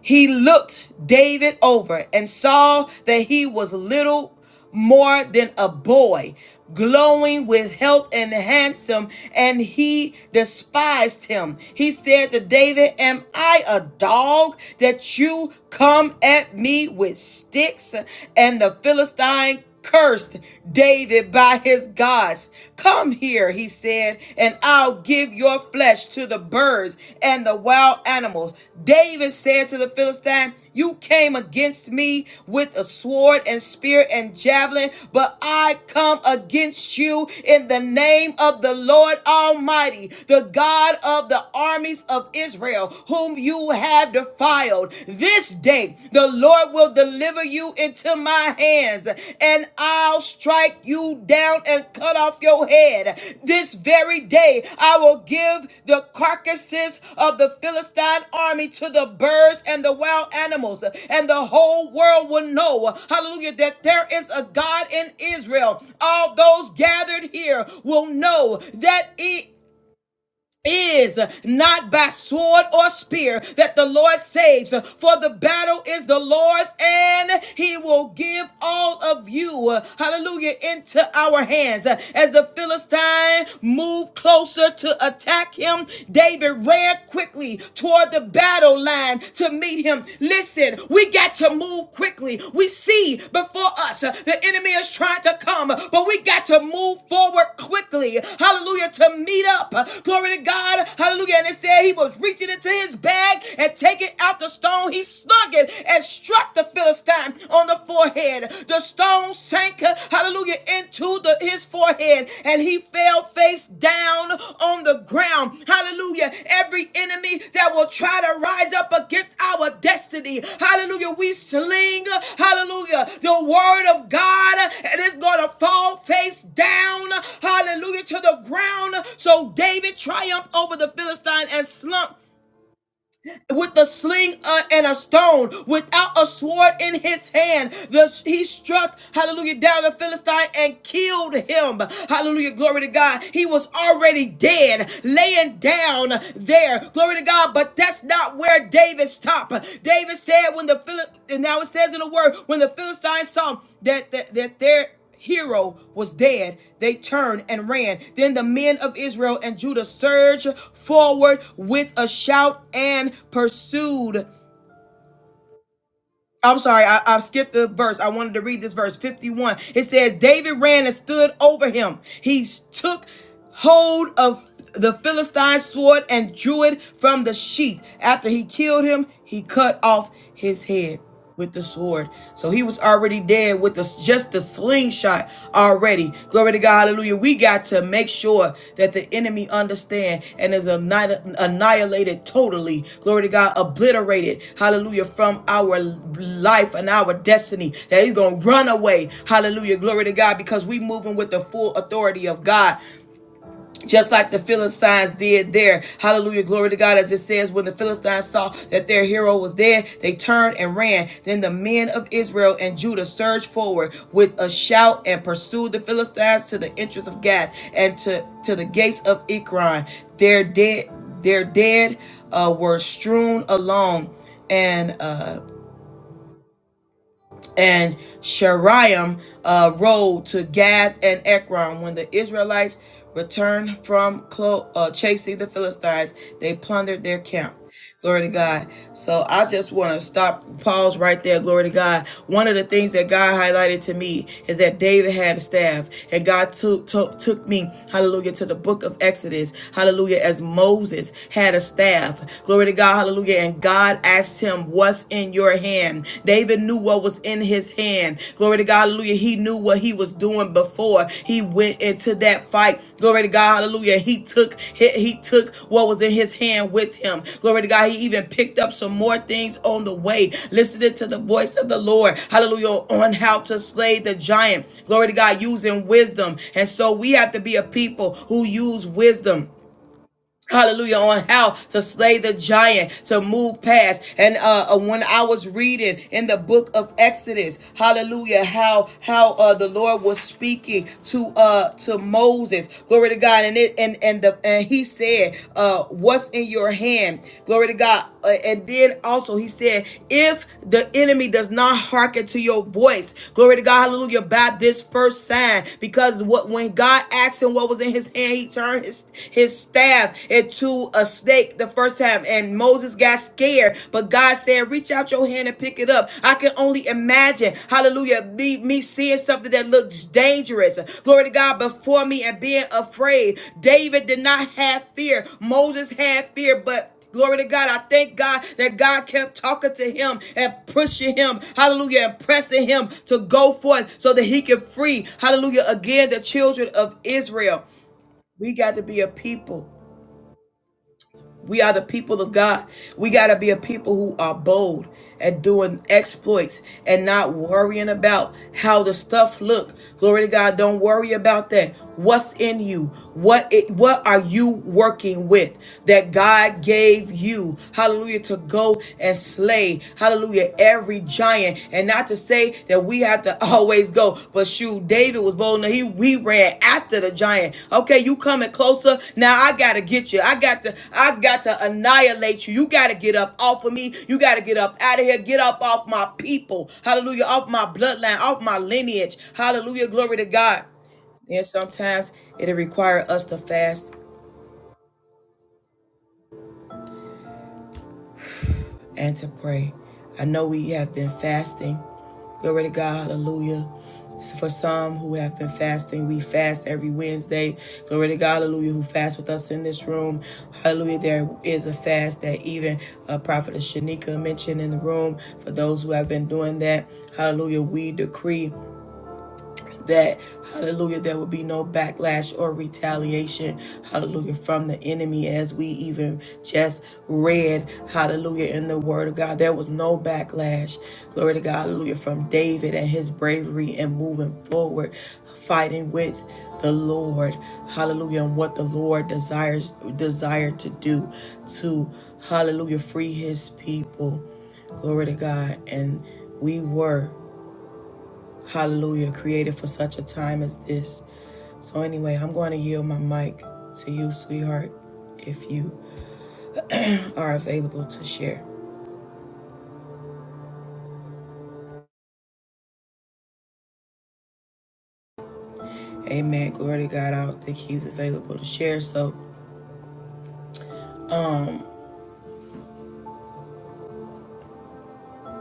A: He looked David over and saw that he was little more than a boy, glowing with health and handsome, and he despised him. He said to David, Am I a dog that you come at me with sticks? And the Philistine cursed David by his gods. Come here, he said, and I'll give your flesh to the birds and the wild animals. David said to the Philistine, You came against me with a sword and spear and javelin, but I come against you in the name of the Lord Almighty, the God of the armies of Israel, whom you have defied wild. This day the Lord will deliver you into my hands, and I'll strike you down and cut off your head. This very day I will give the carcasses of the Philistine army to the birds and the wild animals, and the whole world will know, hallelujah, that there is a God in Israel. All those gathered here will know that it is not by sword or spear that the Lord saves, for the battle is the Lord's, and He will give all of you, uh, hallelujah, into our hands. Uh, As the Philistine moved closer to attack him, David ran quickly toward the battle line to meet him. Listen, we we got to move quickly. We see before us uh, the enemy is trying to come, but we got to move forward quickly. Hallelujah. To meet up. Glory to God. Hallelujah. And it said he was reaching into his bag and taking out the stone. He slung it and struck the Philistine on the forehead. The stone sank, uh, hallelujah, into the, his forehead and he fell face down on the ground. Hallelujah. Every enemy that will try to rise up against our destiny. Hallelujah. We sling, hallelujah, the word of God and it's going to fall face down. Hallelujah. To the ground. So David triumphed over the Philistine and slumped with the sling uh, and a stone, without a sword in his hand. The, he struck, hallelujah, down the Philistine and killed him. Hallelujah, glory to God. He was already dead, laying down there. Glory to God, but that's not where David stopped. David said when the Phil- and now it says in the word, when the Philistines saw that, that, that there hero was dead, they turned and ran. Then the men of Israel and Judah surged forward with a shout and pursued. I'm sorry, I, I skipped the verse. I wanted to read this verse 51. It says, David ran and stood over him. He took hold of the Philistine sword and drew it from the sheath. After he killed him, he cut off his head with the sword. So he was already dead with the, just the sling slingshot already. Glory to God, hallelujah. We got to make sure that the enemy understand and is annihilated totally. Glory to God, obliterated, hallelujah, from our life and our destiny. That he's gonna run away, hallelujah. Glory to God, because we moving with the full authority of God just like the Philistines did there. Hallelujah. Glory to God. As it says, when the Philistines saw that their hero was dead, they turned and ran. Then the men of Israel and Judah surged forward with a shout and pursued the Philistines to the entrance of Gath and to, to the gates of Ekron. Their dead, their dead uh, were strewn along and uh and Shariam uh, road to Gath and Ekron. When the Israelites returned from clo- uh, chasing the Philistines, they plundered their camp. Glory to God. So I just want to stop, pause right there. Glory to God. One of the things that God highlighted to me is that David had a staff, and God took took, took me, hallelujah, to the book of Exodus, hallelujah, as Moses had a staff. Glory to God, hallelujah. And and God asked him, What's in your hand? David knew what was in his hand. Glory to God, hallelujah. He knew what he was doing before he went into that fight. Glory to God, hallelujah. He took he, he took what was in his hand with him. Glory to God. He even picked up some more things on the way, listening to the voice of the Lord. Hallelujah. On how to slay the giant. Glory to God, using wisdom. And so we have to be a people who use wisdom Hallelujah, on how to slay the giant, to move past. And uh, uh, when I was reading in the book of Exodus, hallelujah, how how uh, the Lord was speaking to uh to Moses, glory to God, and it and and the and he said, uh, what's in your hand, glory to God. Uh, and then also he said, if the enemy does not hearken to your voice, glory to God, hallelujah, by this first sign, because what when God asked him what was in his hand, he turned his his staff into a snake the first time, and Moses got scared. But God said, "Reach out your hand and pick it up." I can only imagine, Hallelujah, me me seeing something that looks dangerous. Glory to God before me and being afraid. David did not have fear. Moses had fear, but Glory to God. I thank God that God kept talking to him and pushing him, hallelujah, and pressing him to go forth so that he could free, hallelujah, again the children of Israel. We got to be a people. We are the people of God. We got to be a people who are bold at doing exploits and not worrying about how the stuff look. Glory to God. Don't worry about that. What's in you? What it, what are you working with that God gave you? Hallelujah to go and slay. Hallelujah every giant and not to say that we have to always go but shoot david was bold enough he, he ran after the giant okay you coming closer now i gotta get you i got to i got to annihilate you you gotta get up off of me you gotta get up out of here get up off my people hallelujah off my bloodline off my lineage hallelujah glory to god and sometimes it'll require us to fast and to pray. I know we have been fasting. Glory to God, hallelujah. For some who have been fasting, we fast every Wednesday. Glory to God, hallelujah, who fast with us in this room. Hallelujah, there is a fast that even uh, Prophet Shanika mentioned in the room. For those who have been doing that, hallelujah, we decree that, hallelujah, there will be no backlash or retaliation, hallelujah, from the enemy as we even just read, hallelujah, in the word of God. There was no backlash, glory to God, hallelujah, from David and his bravery and moving forward, fighting with the Lord, hallelujah, and what the Lord desires desired to do to, hallelujah, free his people. Glory to God. And we were. Hallelujah, created for such a time as this. So, anyway, I'm going to yield my mic to you, sweetheart, if you are available to share. Amen. Glory to God. I don't think he's available to share. So,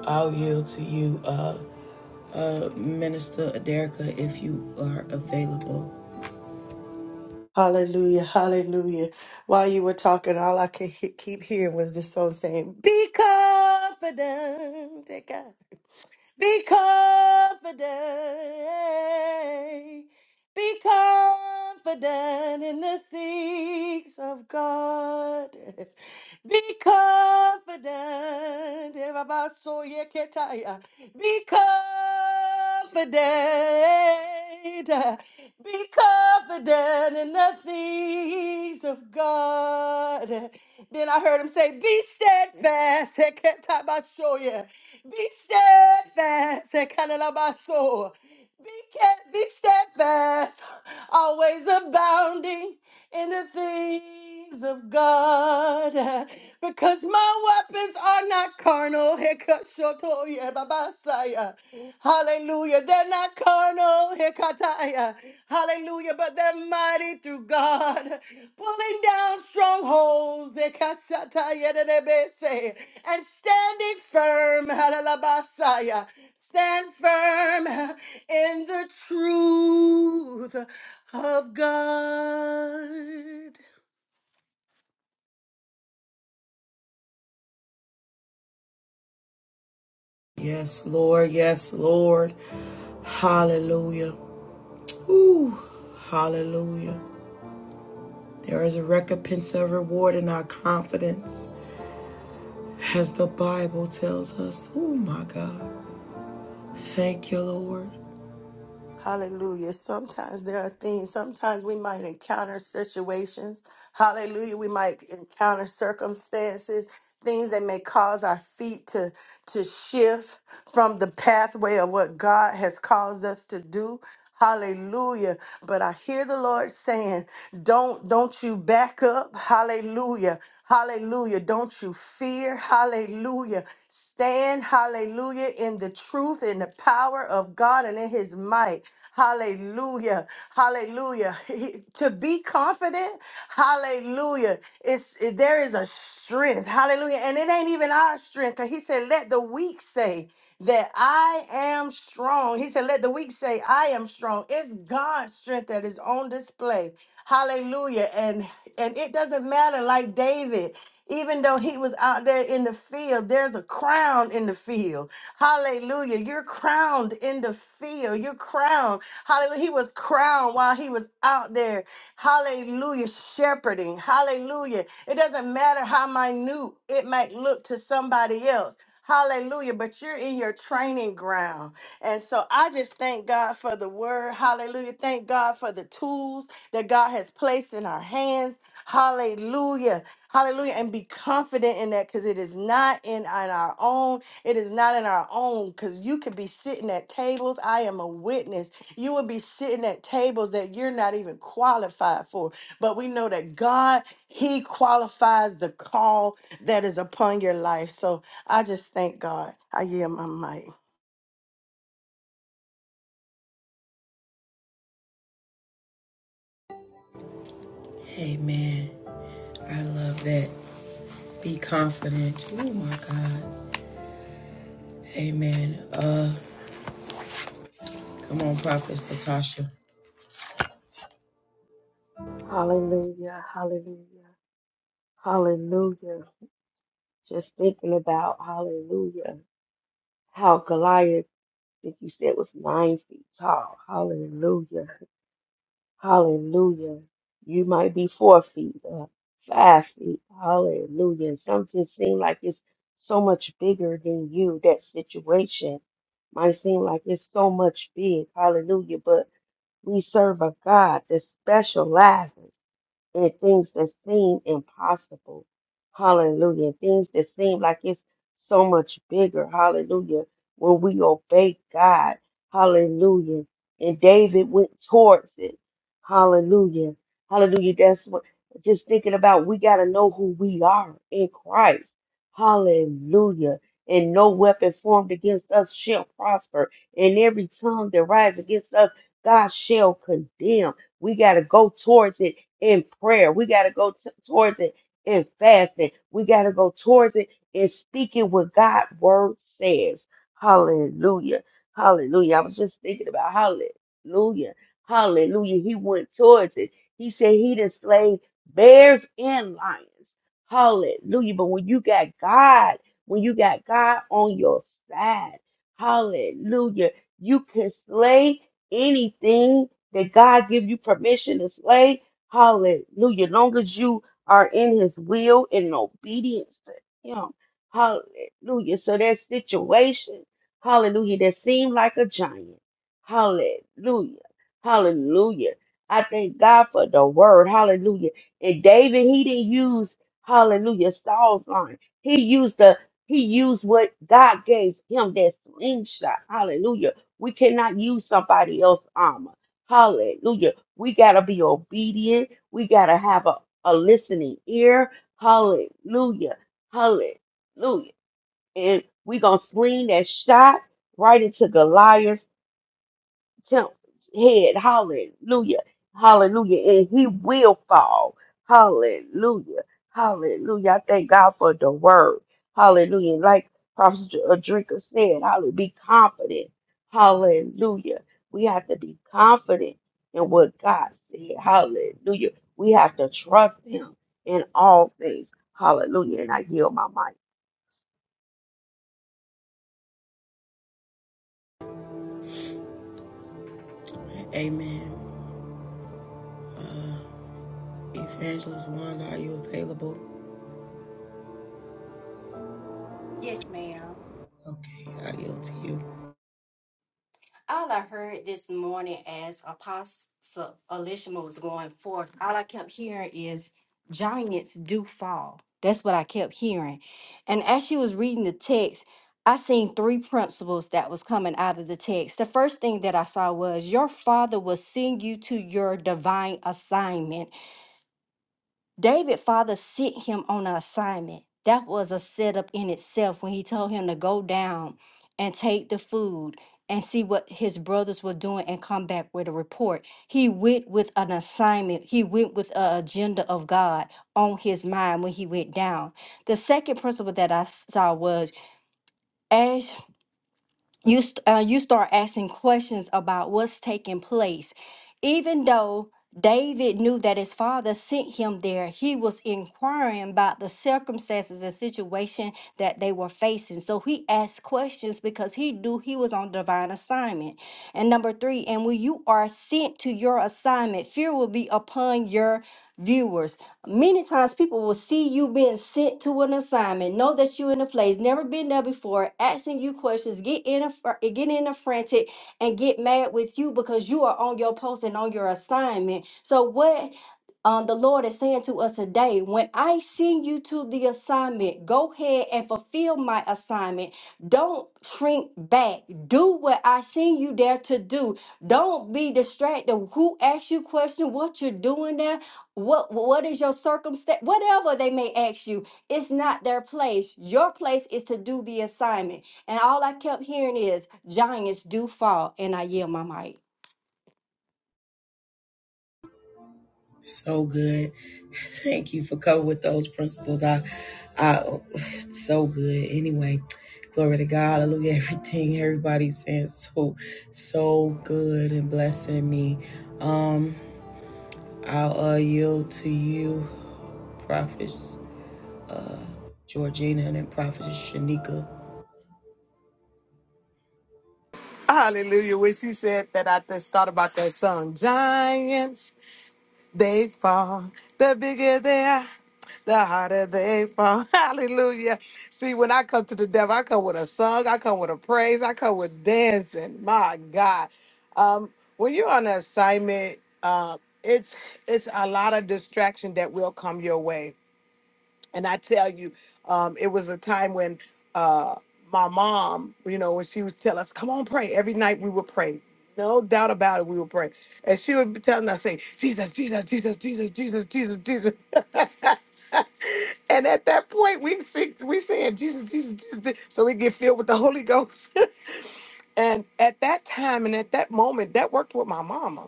A: I'll yield to you, uh, Minister Aderica, if you are available.
D: Hallelujah, hallelujah. While you were talking, all I could he- keep hearing was this song saying, Be confident, dear God. be confident. Be confident in the things of God. Be confident. Erabasoyeketaya. Be confident. Be confident in the things of God. Then I heard him say, Be steadfast. Eketabasoye. Be steadfast. Ekanelabaso. Be kept, be steadfast, always abounding in the things of God. Because my weapons are not carnal. Hekashotoye babasaya. Hallelujah. They're not carnal. Hekataya. Hallelujah. But they're mighty through God. Pulling down strongholds. Hekashataya dedebese. And standing firm. Halalabasaya. Stand firm in the truth of God.
A: Yes, Lord. Yes, Lord. Hallelujah. Ooh, hallelujah. There is a recompense of reward in our confidence as the Bible tells us. Oh my God. Thank you, Lord.
D: Hallelujah. Sometimes there are things, sometimes we might encounter situations. Hallelujah. We might encounter circumstances, things that may cause our feet to, to shift from the pathway of what God has caused us to do. Hallelujah. But I hear the Lord saying, don't don't you back up. Hallelujah. Hallelujah. Don't you fear. Hallelujah. Stand, hallelujah, in the truth in the power of God and in his might. Hallelujah. Hallelujah. He- to be confident, hallelujah. It's it- there is a strength. Hallelujah. And it ain't even our strength. Cause he said, let the weak say that I am strong. He said, Let the weak say, I am strong. It's God's strength that is on display. Hallelujah. And and it doesn't matter, like David, even though he was out there in the field, there's a crown in the field. Hallelujah. You're crowned in the field. You're crowned. Hallelujah. He was crowned while he was out there. Hallelujah. Shepherding. Hallelujah. It doesn't matter how minute it might look to somebody else. Hallelujah. But you're in your training ground. And so I just thank God for the word. Hallelujah. Thank God for the tools that God has placed in our hands. Hallelujah. Hallelujah. And be confident in that because it is not in, in our own. It is not in our own because you could be sitting at tables. I am a witness. You will be sitting at tables that you're not even qualified for. But we know that God, He qualifies the call that is upon your life. So I just thank God. I yield my mic.
A: Amen. I love that. Be confident. Oh my God. Amen. Uh, come on, Prophetess Natasha.
E: Hallelujah, hallelujah, hallelujah. Just thinking about hallelujah, how Goliath, I think you said, was nine feet tall. Hallelujah, hallelujah. You might be four feet or five feet. Hallelujah. And some just seem like it's so much bigger than you. That situation might seem like it's so much big. Hallelujah. But we serve a God that specializes. and things that seem impossible. Hallelujah. Things that seem like it's so much bigger. Hallelujah. When we obey God. Hallelujah. And David went towards it. Hallelujah. Hallelujah. That's what just thinking about we got to know who we are in Christ. Hallelujah. And no weapon formed against us shall prosper. And every tongue that rises against us, God shall condemn. We got to go towards it in prayer. We got to go t- towards it in fasting. We got to go towards it in speaking what God's word says. Hallelujah. Hallelujah. I was just thinking about hallelujah. Hallelujah. He went towards it. He said he did slay bears and lions. Hallelujah. But when you got God, when you got God on your side, hallelujah, you can slay anything that God give you permission to slay Hallelujah. Long as you are in his will and in obedience to him. Hallelujah. So that situation, hallelujah, that seemed like a giant. Hallelujah. Hallelujah. I thank God for the word. Hallelujah. And David, he didn't use hallelujah Saul's line. He used the he used what God gave him that slingshot. Hallelujah. We cannot use somebody else's armor. Hallelujah. We got to be obedient. We got to have a, a listening ear. Hallelujah. Hallelujah. And we going to sling that shot right into Goliath's temp head. Hallelujah. Hallelujah. And he will fall. Hallelujah. Hallelujah. I thank God for the word. Hallelujah. Like Prophet Adrinka said, hallelujah. Be confident. Hallelujah. We have to be confident in what God said. Hallelujah. We have to trust him in all things. Hallelujah. And I yield my mind.
A: Amen. Evangelist Wanda, are you available?
C: Yes, ma'am.
A: Okay, I yield to you.
C: All I heard this morning as Apostle Elishma was going forth, all I kept hearing is giants do fall. That's what I kept hearing. And as she was reading the text, I seen three principles that was coming out of the text. The first thing that I saw was your father will send you to your divine assignment. David father sent him on an assignment. That was a setup in itself when he told him to go down and take the food and see what his brothers were doing and come back with a report. He went with an assignment. He went with an agenda of God on his mind when he went down. The second principle that I saw was you st- uh, you start asking questions about what's taking place even though david knew that his father sent him there he was inquiring about the circumstances and situation that they were facing so he asked questions because he knew he was on divine assignment and number three and when you are sent to your assignment fear will be upon your viewers. Many times people will see you being sent to an assignment, know that you're in a place, never been there before, asking you questions, get in a fr- eh, get in a frantic, and get mad with you because you are on your post and on your assignment. So what um, the Lord is saying to us today, when I send you to the assignment, go ahead and fulfill my assignment. Don't shrink back. Do what I send you there to do. Don't be distracted. Who asked you question? What you're doing there? what what is your circumstance whatever they may ask you it's not their place your place is to do the assignment and all i kept hearing is giants do fall and i yield my mic
A: So good. Thank you for coming with those principles. I, I, so good. Anyway, glory to God. Hallelujah. Everything everybody's saying so, so good and blessing me. Um, I'll uh, yield to you, prophetess Georgina and then prophetess Shanika.
F: Hallelujah. When she said that, I just thought about that song. Giants, they fall. The bigger they are, the harder they fall. Hallelujah. See, when I come to the devil, I come with a song, I come with a praise, I come with dancing. My God. Um, when you're on an assignment, uh, it's it's a lot of distraction that will come your way and I tell you, um, it was a time when uh, my mom, you know, when she was telling us, come on, pray. Every night we would pray. No doubt about it, we would pray. And she would be telling us, say, Jesus, Jesus, Jesus, Jesus, Jesus, Jesus, Jesus. and at that point, we sing, we saying, Jesus, Jesus, Jesus. Jesus." So we get filled with the Holy Ghost. and at that time and at that moment, that worked with my mama.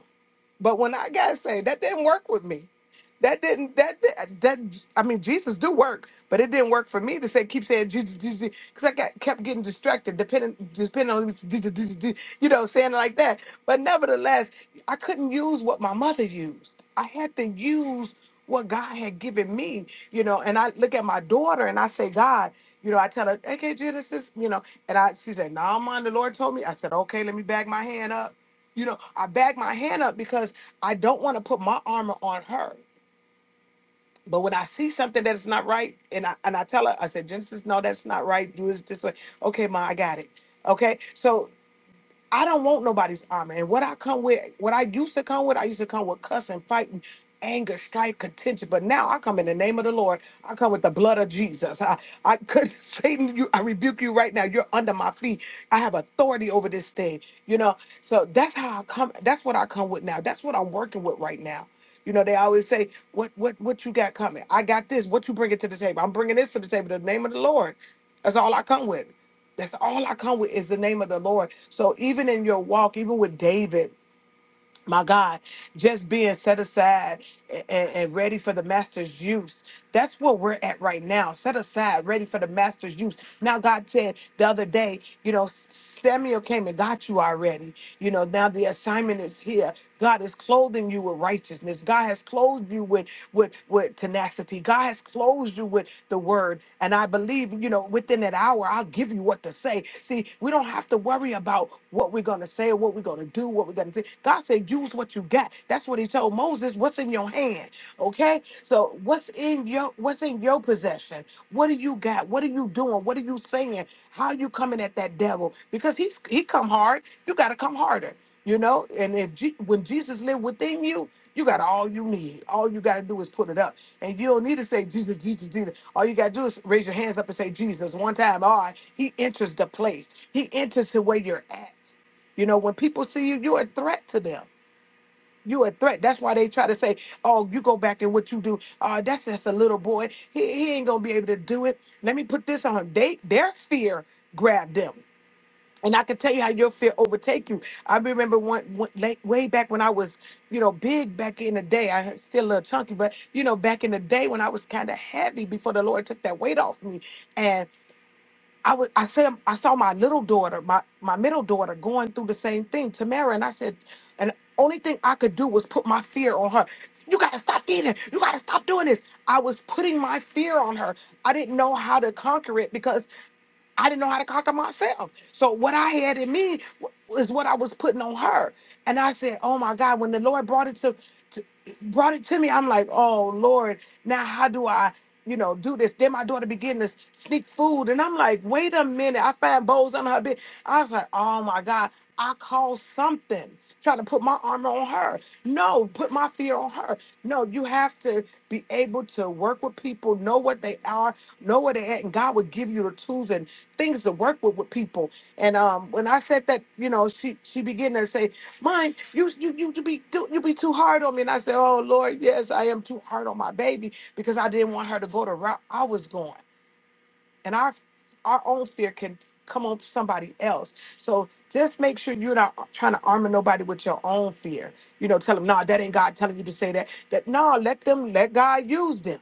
F: But when I got saved, that didn't work with me. That didn't that that, that I mean Jesus do work, but it didn't work for me to say keep saying Jesus Jesus because I got kept getting distracted, depending depending on Jesus, Jesus, Jesus, you know saying it like that. But nevertheless, I couldn't use what my mother used. I had to use what God had given me, you know. And I look at my daughter and I say, God, you know, I tell her, okay, Genesis, you know, and I she said, no, nah, mom, the Lord told me. I said, okay, let me bag my hand up. You know, I bag my hand up because I don't want to put my armor on her. But when I see something that is not right, and I and I tell her, I said, Genesis, no, that's not right. Do it this way. Okay, ma, I got it. Okay, so I don't want nobody's armor. And what I come with, what I used to come with, I used to come with cussing, fighting, anger, strife, contention. But now I come in the name of the Lord. I come with the blood of Jesus. I, I could Satan, you I rebuke you right now. You're under my feet. I have authority over this thing. You know, so that's how I come, that's what I come with now. That's what I'm working with right now. You know, they always say, "What, what, what you got coming? I got this. What you bringing to the table? I'm bringing this to the table. The name of the Lord. That's all I come with. That's all I come with is the name of the Lord. So even in your walk, even with David, my God, just being set aside and, and ready for the master's use. That's where we're at right now. Set aside, ready for the master's use. Now, God said the other day, you know, Samuel came and got you already. You know, now the assignment is here. God is clothing you with righteousness. God has closed you with with with tenacity. God has closed you with the word. And I believe, you know, within that hour, I'll give you what to say. See, we don't have to worry about what we're gonna say or what we're gonna do, what we're gonna do. God said, use what you got. That's what he told Moses. What's in your hand? Okay? So what's in your what's in your possession? What do you got? What are you doing? What are you saying? How you coming at that devil? Because he's he come hard, you gotta come harder. You know, and if Je- when Jesus lived within you, you got all you need. All you got to do is put it up, and you don't need to say Jesus, Jesus, Jesus. All you got to do is raise your hands up and say Jesus one time. All right, He enters the place. He enters to where you're at. You know, when people see you, you're a threat to them. You a threat. That's why they try to say, "Oh, you go back and what you do. Uh, that's just a little boy. He, he ain't gonna be able to do it. Let me put this on him." They their fear grabbed them, and I can tell you how your fear overtake you. I remember one, one late, way back when I was, you know, big back in the day. I had- still a little chunky, but you know, back in the day when I was kind of heavy before the Lord took that weight off me, I was I said I saw my little daughter, my my middle daughter going through the same thing, Tamara, and I said, and only thing I could do was put my fear on her. You gotta stop eating. You gotta stop doing this. I was putting my fear on her. I didn't know how to conquer it because I didn't know how to conquer myself. So what I had in me w- was what I was putting on her. And I said, "Oh my God!" When the Lord brought it to, to brought it to me, I'm like, "Oh Lord, now how do I, you know, do this?" Then my daughter began to sneak food, and I'm like, "Wait a minute!" I found bowls under her bed. I was like, "Oh my God!" I called something trying to put my armor on her. No, put my fear on her. No, you have to be able to work with people, know what they are, know where they at, and God will give you the tools and things to work with with people. And um, when I said that, you know, she she began to say, "Mine, you you you you be do- you be too hard on me." And I said, "Oh Lord, yes, I am too hard on my baby because I didn't want her to go the route I was going." And our our own fear can come on somebody else. So just make sure you're not trying to armor nobody with your own fear. You know, tell them, "No, that ain't God telling you to say that." That no, let them let God use them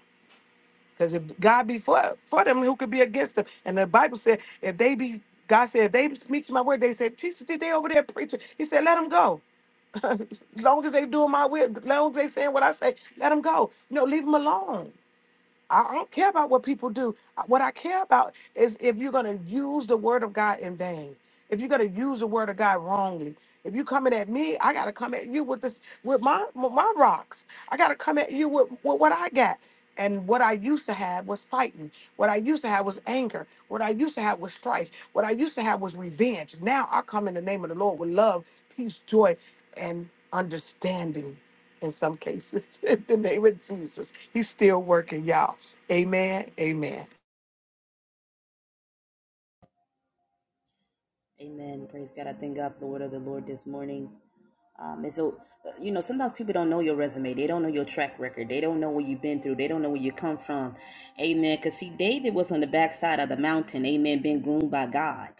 F: because if God be for, for them, who could be against them? And the Bible said, if they be, God said, if they speak my word, they said, Jesus, did they over there preaching? He said, let them go. as long as they doing my will, as long as they saying what I say, let them go. You know, leave them alone. I I don't care about what people do. What I care about is if you're going to use the word of God in vain. If you're going to use the word of God wrongly. If you're coming at me, I got to come at you with this with my with my rocks. I got to come at you with, with what I got. And what I used to have was fighting. What I used to have was anger. What I used to have was strife. What I used to have was revenge. Now I come in the name of the Lord with love, peace, joy, and understanding in some cases in the name of Jesus. He's still working, y'all. Amen. Amen.
G: Amen. Praise God. I thank God for the word of the Lord this morning. Um, and so, uh, you know, sometimes people don't know your resume. They don't know your track record. They don't know what you've been through. They don't know where you come from. Amen. Because, see, David was on the backside of the mountain. Amen. Being groomed by God.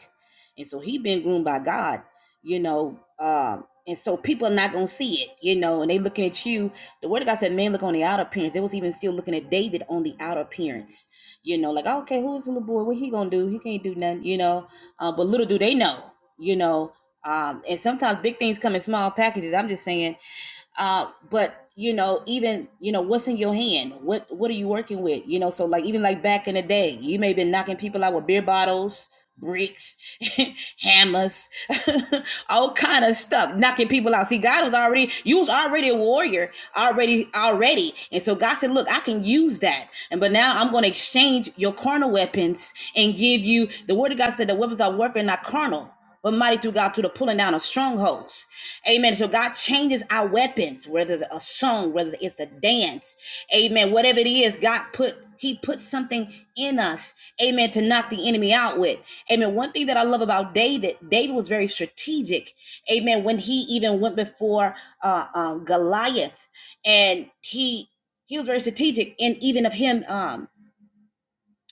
G: And so he been groomed by God, you know. Um, and so people are not going to see it, you know, and they looking at you. The word of God said, man, look on the outer appearance. They was even still looking at David on the outer appearance. You know, like, okay, who's the little boy? What he going to do? He can't do nothing, you know uh, but little do they know, you know. Um, and sometimes big things come in small packages. I'm just saying, uh, but you know even you know what's in your hand what what are you working with you know so like even like back in the day you may have been knocking people out with beer bottles bricks hammers all kind of stuff knocking people out see god was already you was already a warrior already already and so god said look i can use that and but now i'm going to exchange your carnal weapons and give you the word of god said the weapons are warfare not carnal but mighty through god to the pulling down of strongholds Amen. So God changes our weapons, whether it's a song, whether it's a dance, amen. Whatever it is, God put He put something in us, amen, to knock the enemy out with. Amen. One thing that I love about David, David was very strategic, amen. When he even went before uh, uh, Goliath, and he he was very strategic, and even of him. Um,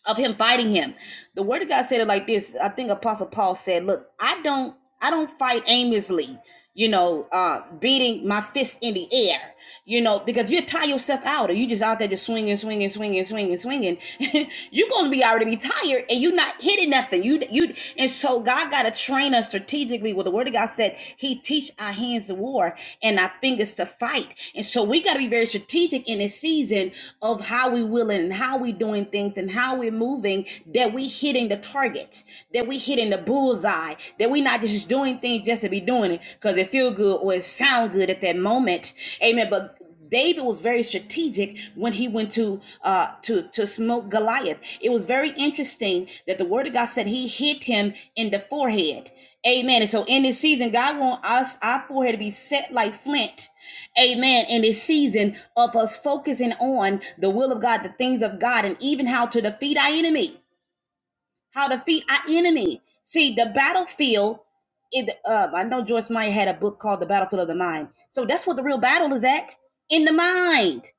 G: of him fighting him. The word of God said it like this. I think Apostle Paul said, "Look, I don't I don't fight aimlessly, you know, uh beating my fist in the air you know, because if you tie yourself out or you just out there just swinging, swinging, swinging, swinging, swinging, you're gonna be already be tired and you're not hitting nothing. You you and so God gotta train us strategically. Well, the Word of God said He teach our hands to war and our fingers to fight, and so we gotta be very strategic in this season of how we willing and how we doing things and how we're moving that we hitting the targets, that we hitting the bullseye, that we not just doing things just to be doing it because it feel good or it sound good at that moment. Amen. But David was very strategic when he went to uh to to smoke Goliath. It was very interesting that the word of God said he hit him in the forehead. Amen. And so in this season, God wants us our forehead to be set like flint. Amen. In this season of us focusing on the will of God, the things of God, and even how to defeat our enemy how to defeat our enemy. See, the battlefield. It. Uh, I know Joyce Meyer had a book called The Battlefield of the Mind. So that's what the real battle is at in the mind.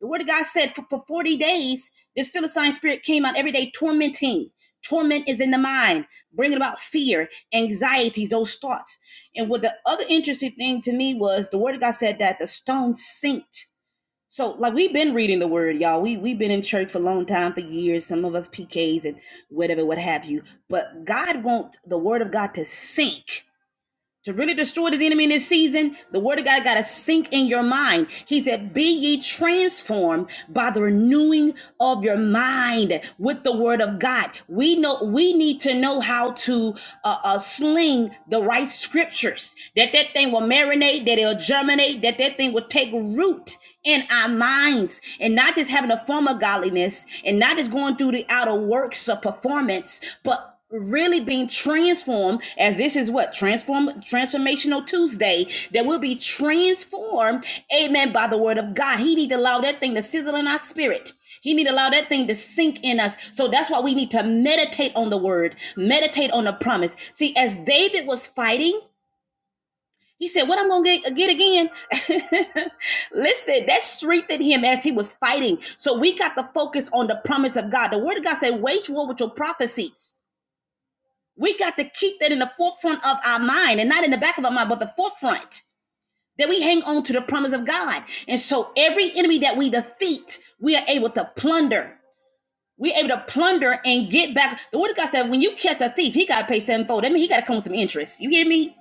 G: The Word of God said for, for forty days this Philistine spirit came out every day tormenting. Torment is in the mind, bringing about fear, anxieties, those thoughts. And what the other interesting thing to me was the Word of God said that the stone sinked so like we've been reading the word, y'all. We we've been in church for a long time, for years. Some of us PKs and whatever, what have you. But God wants the word of God to sink. To really destroy the enemy in this season, the word of God got to sink in your mind. He said, Be ye transformed by the renewing of your mind with the word of God. We know we need to know how to uh, uh, sling the right scriptures, that that thing will marinate, that it'll germinate, that that thing will take root in our minds and not just having a form of godliness and not just going through the outer works of performance, but really being transformed as this is what transform transformational tuesday that we'll be transformed amen by the word of god he need to allow that thing to sizzle in our spirit he need to allow that thing to sink in us so that's why we need to meditate on the word meditate on the promise see as david was fighting he said, What I'm gonna get, get again? Listen, that strengthened him as he was fighting. So we got to focus on the promise of God. The word of God said, wage war with your prophecies. We got to keep that in the forefront of our mind and not in the back of our mind, but the forefront. That we hang on to the promise of God. And so every enemy that we defeat, we are able to plunder. We're able to plunder and get back. The word of God said, when you catch a thief, he gotta pay sevenfold. That means he gotta come with some interest. You hear me?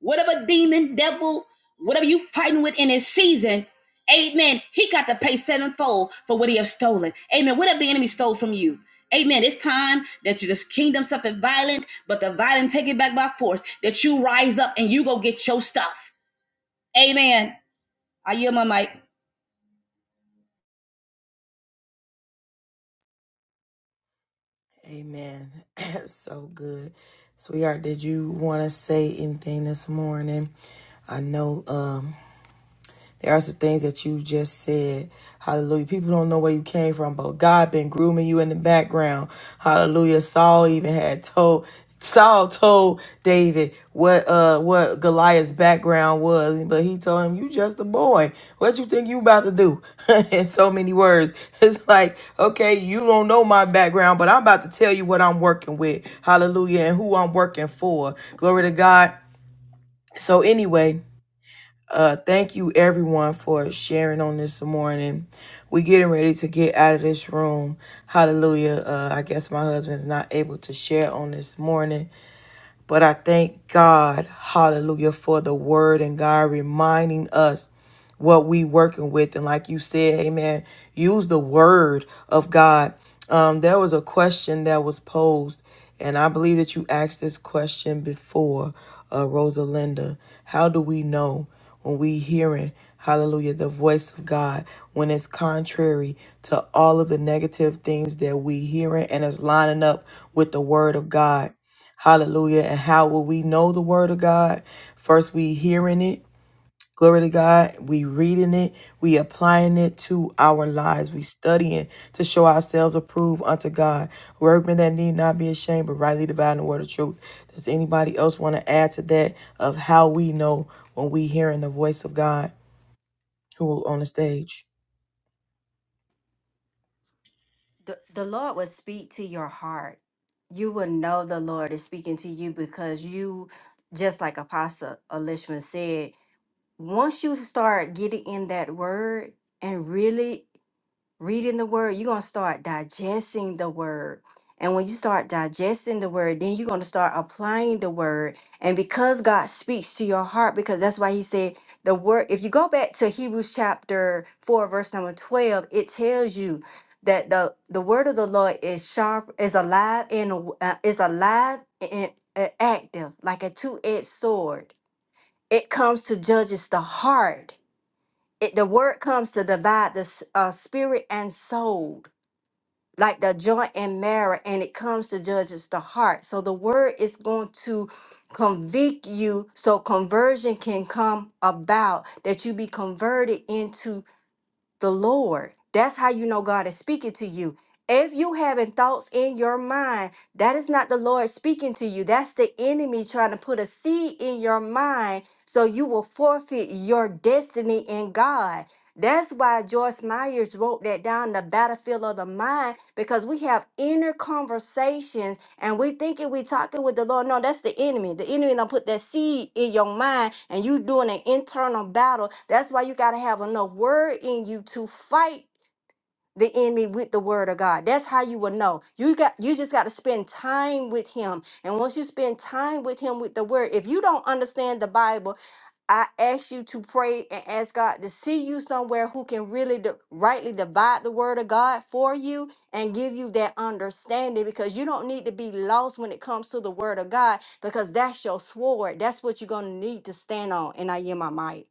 G: whatever demon, devil, whatever you fighting with in this season, amen, he got to pay sevenfold for what he has stolen. Amen. Whatever the enemy stole from you. Amen. It's time that you this kingdom suffered violent, but the violent take it back by force. That you rise up and you go get your stuff. Amen. I yield my mic.
A: Amen. so good, sweetheart. Did you want to say anything this morning? I know. Um. There are some things that you just said. Hallelujah. People don't know where you came from, but God been grooming you in the background. Hallelujah. Saul even had told Saul told David what uh what Goliath's background was, but he told him, You just a boy. What you think you about to do? in so many words. It's like, okay, you don't know my background, but I'm about to tell you what I'm working with. Hallelujah, and who I'm working for. Glory to God. So anyway. Uh, thank you everyone for sharing on this morning. we getting ready to get out of this room. Hallelujah. Uh, I guess my husband's not able to share on this morning, but I thank God, hallelujah, for the word and God reminding us what we working with and like you said amen use the word of god um, there was a question that was posed and i believe that you asked this question before uh, rosalinda how do we know when we hearing hallelujah the voice of god when it's contrary to all of the negative things that we hearing and it's lining up with the word of god hallelujah and how will we know the word of god first we hearing it Glory to God. We reading it. We applying it to our lives. We studying to show ourselves approved unto God. Workmen that need not be ashamed, but rightly dividing the word of truth. Does anybody else want to add to that of how we know when we hearing the voice of God? Who on the stage?
C: the, the lord will speak to your heart you will know the lord is speaking to you because you just like apostle elishman said once you start getting in that word and really reading the word, you're going to start digesting the word. And when you start digesting the word, then you're going to start applying the word. And because God speaks to your heart, because that's why he said the word, if you go back to Hebrews chapter 4, verse number 12, it tells you that the, the word of the Lord is sharp, is alive and aw- uh, is alive and uh, active, like a two-edged sword. It comes to judges the heart it, the word comes to divide the s- uh, spirit and soul like the joint and marrow, and it comes to judges the heart. So the word is going to convict you so conversion can come about that you be converted into the Lord. That's how you know God is speaking to you. If you having thoughts in your mind, that is not the Lord speaking to you. That's the enemy trying to put a seed in your mind so you will forfeit your destiny in God. That's why Joyce Myers wrote that down the battlefield of the mind because we have inner conversations and we thinking we talking with the Lord. No, that's the enemy. The enemy don't put that seed in your mind and you doing an internal battle. That's why you gotta have enough word in you to fight the enemy with the word of God. That's how you will know. You got you just got to spend time with him. And once you spend time with him with the word, if you don't understand the Bible, I ask you to pray and ask God to see you somewhere who can really di- rightly divide the word of God for you and give you that understanding because you don't need to be lost when it comes to the word of God because that's your sword. That's what you're going to need to stand on. And I hear my mic.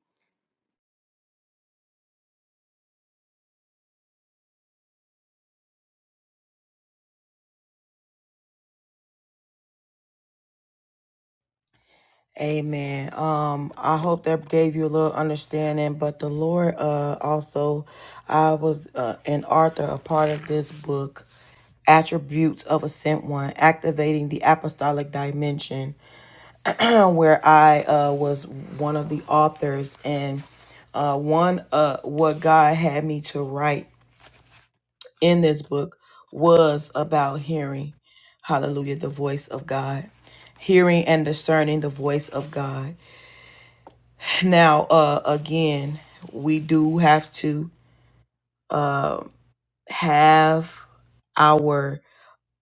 A: Amen. Um, I hope that gave you a little understanding. But the Lord, uh, also, I was uh, an author, a part of this book, Attributes of a Sent One, Activating the Apostolic Dimension, where I uh, was one of the authors. And uh, one, uh, what God had me to write in this book was about hearing, hallelujah, the voice of God, hearing and discerning the voice of God. Now, uh, again, we do have to uh, have our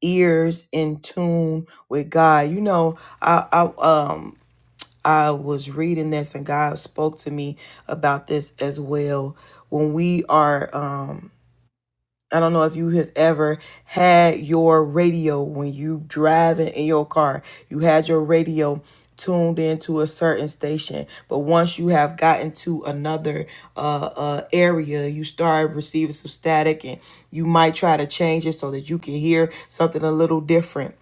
A: ears in tune with God. You know, I, I um I was reading this and God spoke to me about this as well. When we are um I don't know if you have ever had your radio when you driving in your car. You had your radio tuned into a certain station, but once you have gotten to another uh, uh, area, you start receiving some static, and you might try to change it so that you can hear something a little different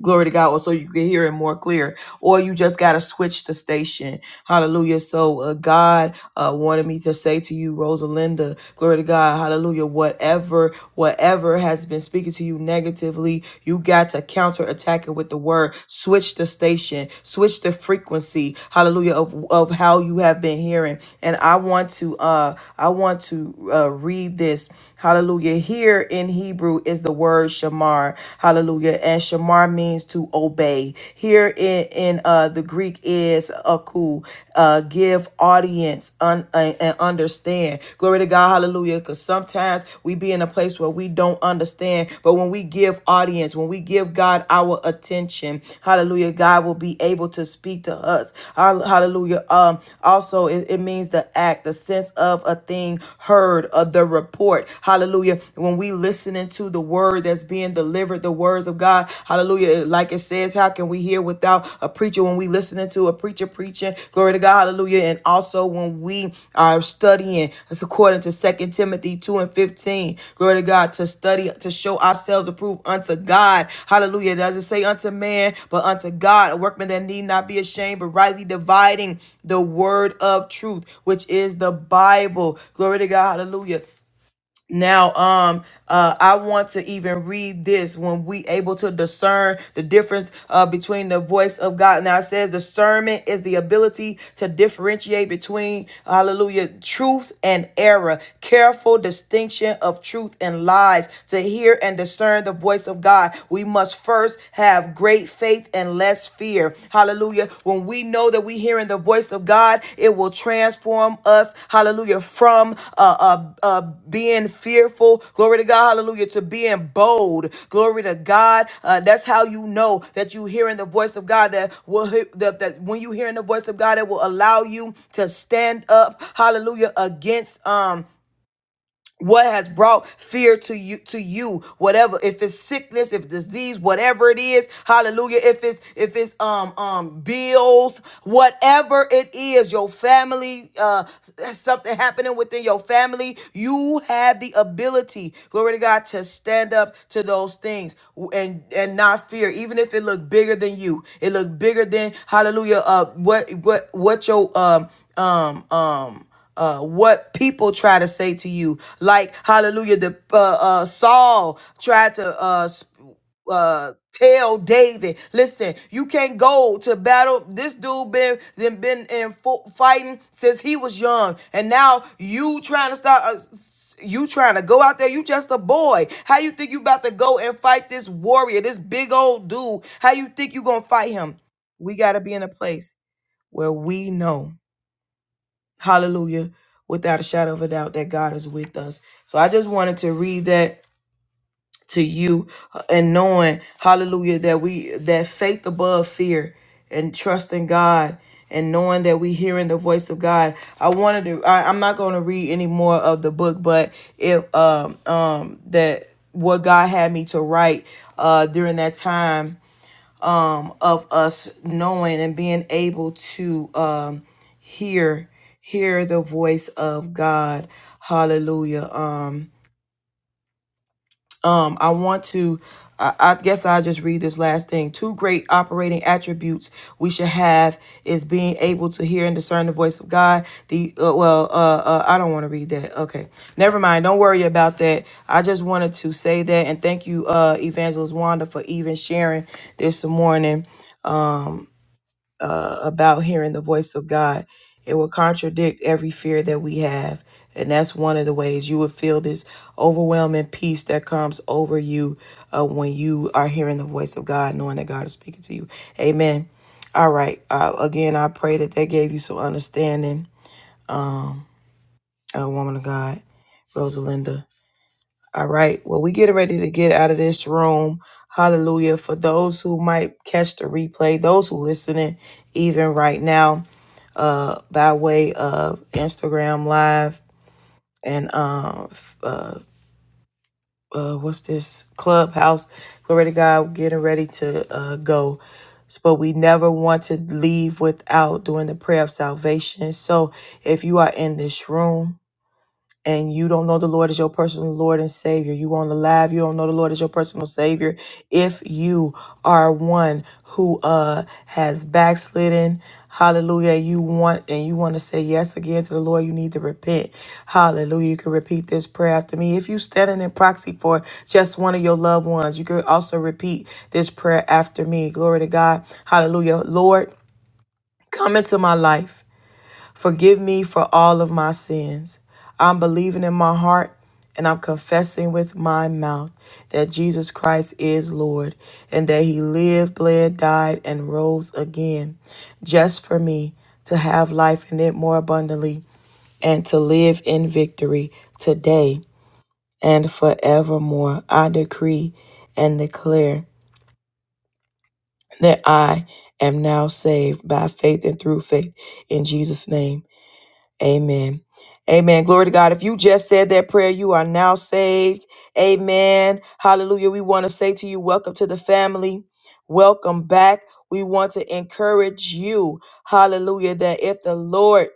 A: glory to god or so you can hear it more clear or you just got to switch the station hallelujah so uh, god uh, wanted me to say to you rosalinda glory to god hallelujah whatever whatever has been speaking to you negatively you got to counter attack it with the word switch the station switch the frequency hallelujah of, of how you have been hearing and i want to uh i want to uh, read this Hallelujah. Here in Hebrew is the word shamar. Hallelujah. And shamar means to obey. Here in, in uh, the Greek is aku, uh, give audience un, uh, and understand. Glory to God. Hallelujah. Because sometimes we be in a place where we don't understand, but when we give audience, when we give God our attention, hallelujah, God will be able to speak to us. Hall- Hallelujah. Um, also, it, it means the act, the sense of a thing heard, of the report support. Hallelujah. When we listening to the word that's being delivered, the words of God. Hallelujah. Like it says, how can we hear without a preacher when we listening to a preacher preaching? Glory to God. Hallelujah. And also when we are studying, that's according to Second Timothy 2 and 15. Glory to God. To study, to show ourselves approved unto God. Hallelujah. It doesn't say unto man, but unto God. A workman that need not be ashamed, but rightly dividing the word of truth, which is the Bible. Glory to God. Hallelujah now um uh i want to even read this when we able to discern the difference uh between the voice of god now it says discernment is the ability to differentiate between hallelujah truth and error careful distinction of truth and lies to hear and discern the voice of god we must first have great faith and less fear fear. Hallelujah. When we know that we're hearing the voice of God, it will transform us. Hallelujah. From uh, uh, uh, being fearful, glory to God. Hallelujah. To being bold, glory to God. Uh, that's how you know that you're hearing the voice of God. That will that, that when you are hearing the voice of God, it will allow you to stand up. Hallelujah. Against um what has brought fear to you to you whatever if it's sickness if disease whatever it is hallelujah if it's if it's um um bills whatever it is your family uh something happening within your family you have the ability glory to god to stand up to those things and and not fear even if it looked bigger than you it looked bigger than hallelujah uh what what what your um um um uh, what people try to say to you. Like, hallelujah, the uh, uh, Saul tried to uh, sp- uh, tell David, listen, you can't go to battle. This dude been then been in fo- fighting since he was young, and now you trying to start. Uh, s- you trying to go out there? You just a boy. How you think you about to go and fight this warrior, this big old dude? How you think you gonna fight him? We gotta be in a place where we know Hallelujah. Without a shadow of a doubt that God is with us. So I just wanted to read that to you uh, and knowing, hallelujah, that we that faith above fear and trusting God and knowing that we hearing the voice of God. I wanted to I, I'm not gonna read any more of the book, but if um um that what God had me to write uh during that time um, of us knowing and being able to um, hear hear the voice of God. Hallelujah. Um, um, I want to. I I guess I'll just read this last thing. Two great operating attributes we should have is being able to hear and discern the voice of God. The uh, well, uh, uh, I don't want to read that. Okay, never mind. Don't worry about that. I just wanted to say that and thank you, uh, Evangelist Wanda, for even sharing this morning. about hearing the voice of God. It will contradict every fear that we have. And that's one of the ways you would feel this overwhelming peace that comes over you uh, when you are hearing the voice of God, knowing that God is speaking to you. Amen. All right. Uh, again, I pray that that gave you some understanding, um, uh, woman of God, Rosalinda. All right. Well, we getting ready to get out of this room. Hallelujah. For those who might catch the replay, those who listening even right now, uh, by way of Instagram Live and um f- uh, uh what's this clubhouse? Glory to God, getting ready to uh go. So, But we never want to leave without doing the prayer of salvation. So if you are in this room, and you don't know the Lord as your personal Lord and Savior, you on the live, you don't know the Lord as your personal Savior, if you are one who uh has backslidden, hallelujah, you want and you want to say yes again to the Lord, you need to repent. Hallelujah. You can repeat this prayer after me. If you standing in proxy for just one of your loved ones, you can also repeat this prayer after me. Glory to God. Hallelujah. Lord, come into my life. Forgive me for all of my sins. I'm believing in my heart and I'm confessing with my mouth that Jesus Christ is Lord and that he lived, bled, died, and rose again just for me to have life in it more abundantly and to live in victory today and forevermore. I decree and declare that I am now saved by faith and through faith in Jesus' name. Amen. Amen. Glory to God. If you just said that prayer, you are now saved. Amen. Hallelujah. We want to say to you, welcome to the family. Welcome back. We want to encourage you, hallelujah, that if the Lord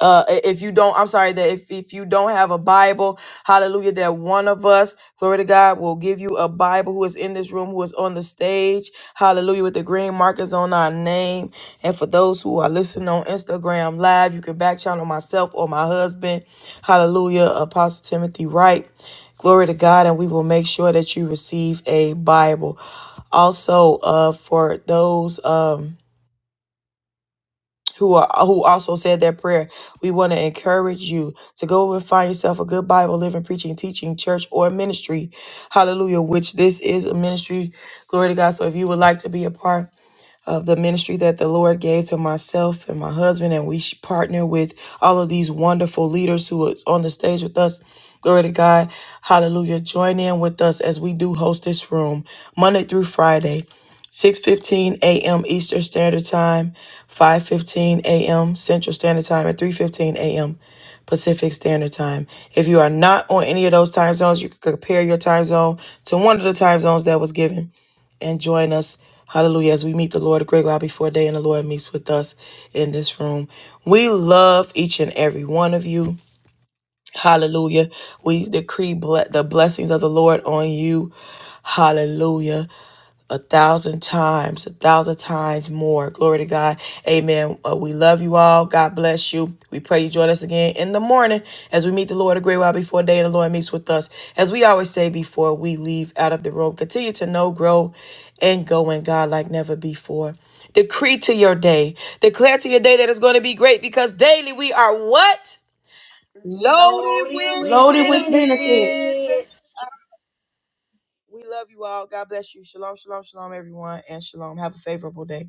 A: uh if you don't i'm sorry that if, if you don't have a bible hallelujah that one of us glory to god will give you a bible who is in this room who is on the stage hallelujah with the green markers on our name and for those who are listening on instagram live you can back channel myself or my husband hallelujah apostle timothy wright glory to god and we will make sure that you receive a bible also uh for those um who are who also said that prayer. We want to encourage you to go and find yourself a good Bible living, preaching, teaching church or ministry. Hallelujah, which this is a ministry. Glory to God. So if you would like to be a part of the ministry that the Lord gave to myself and my husband, and we sh- partner with all of these wonderful leaders who are on the stage with us. Glory to God. Hallelujah. Join in with us as we do host this room Monday through Friday. 6:15 a.m. Eastern Standard Time, 5:15 a.m. Central Standard Time, and 3:15 a.m. Pacific Standard Time. If you are not on any of those time zones, you can compare your time zone to one of the time zones that was given and join us. Hallelujah. As we meet the Lord a great while before day and the Lord meets with us in this room. We love each and every one of you. Hallelujah. We decree ble- the blessings of the Lord on you. Hallelujah a thousand times, a thousand times more. Glory to God. Amen. Uh, we love you all. God bless you. We pray you join us again in the morning as we meet the Lord a great while before day and the Lord meets with us. As we always say before we leave out of the room, continue to know, grow, and go in God like never before. Decree to your day. Declare to your day that it's going to be great because daily we are what? Loaded
C: Loaded
A: with
C: with
E: Loaded with benefits.
A: benefits.
C: benefits.
A: We love you all. God bless you. Shalom, shalom, shalom, everyone, and shalom. Have a favorable day.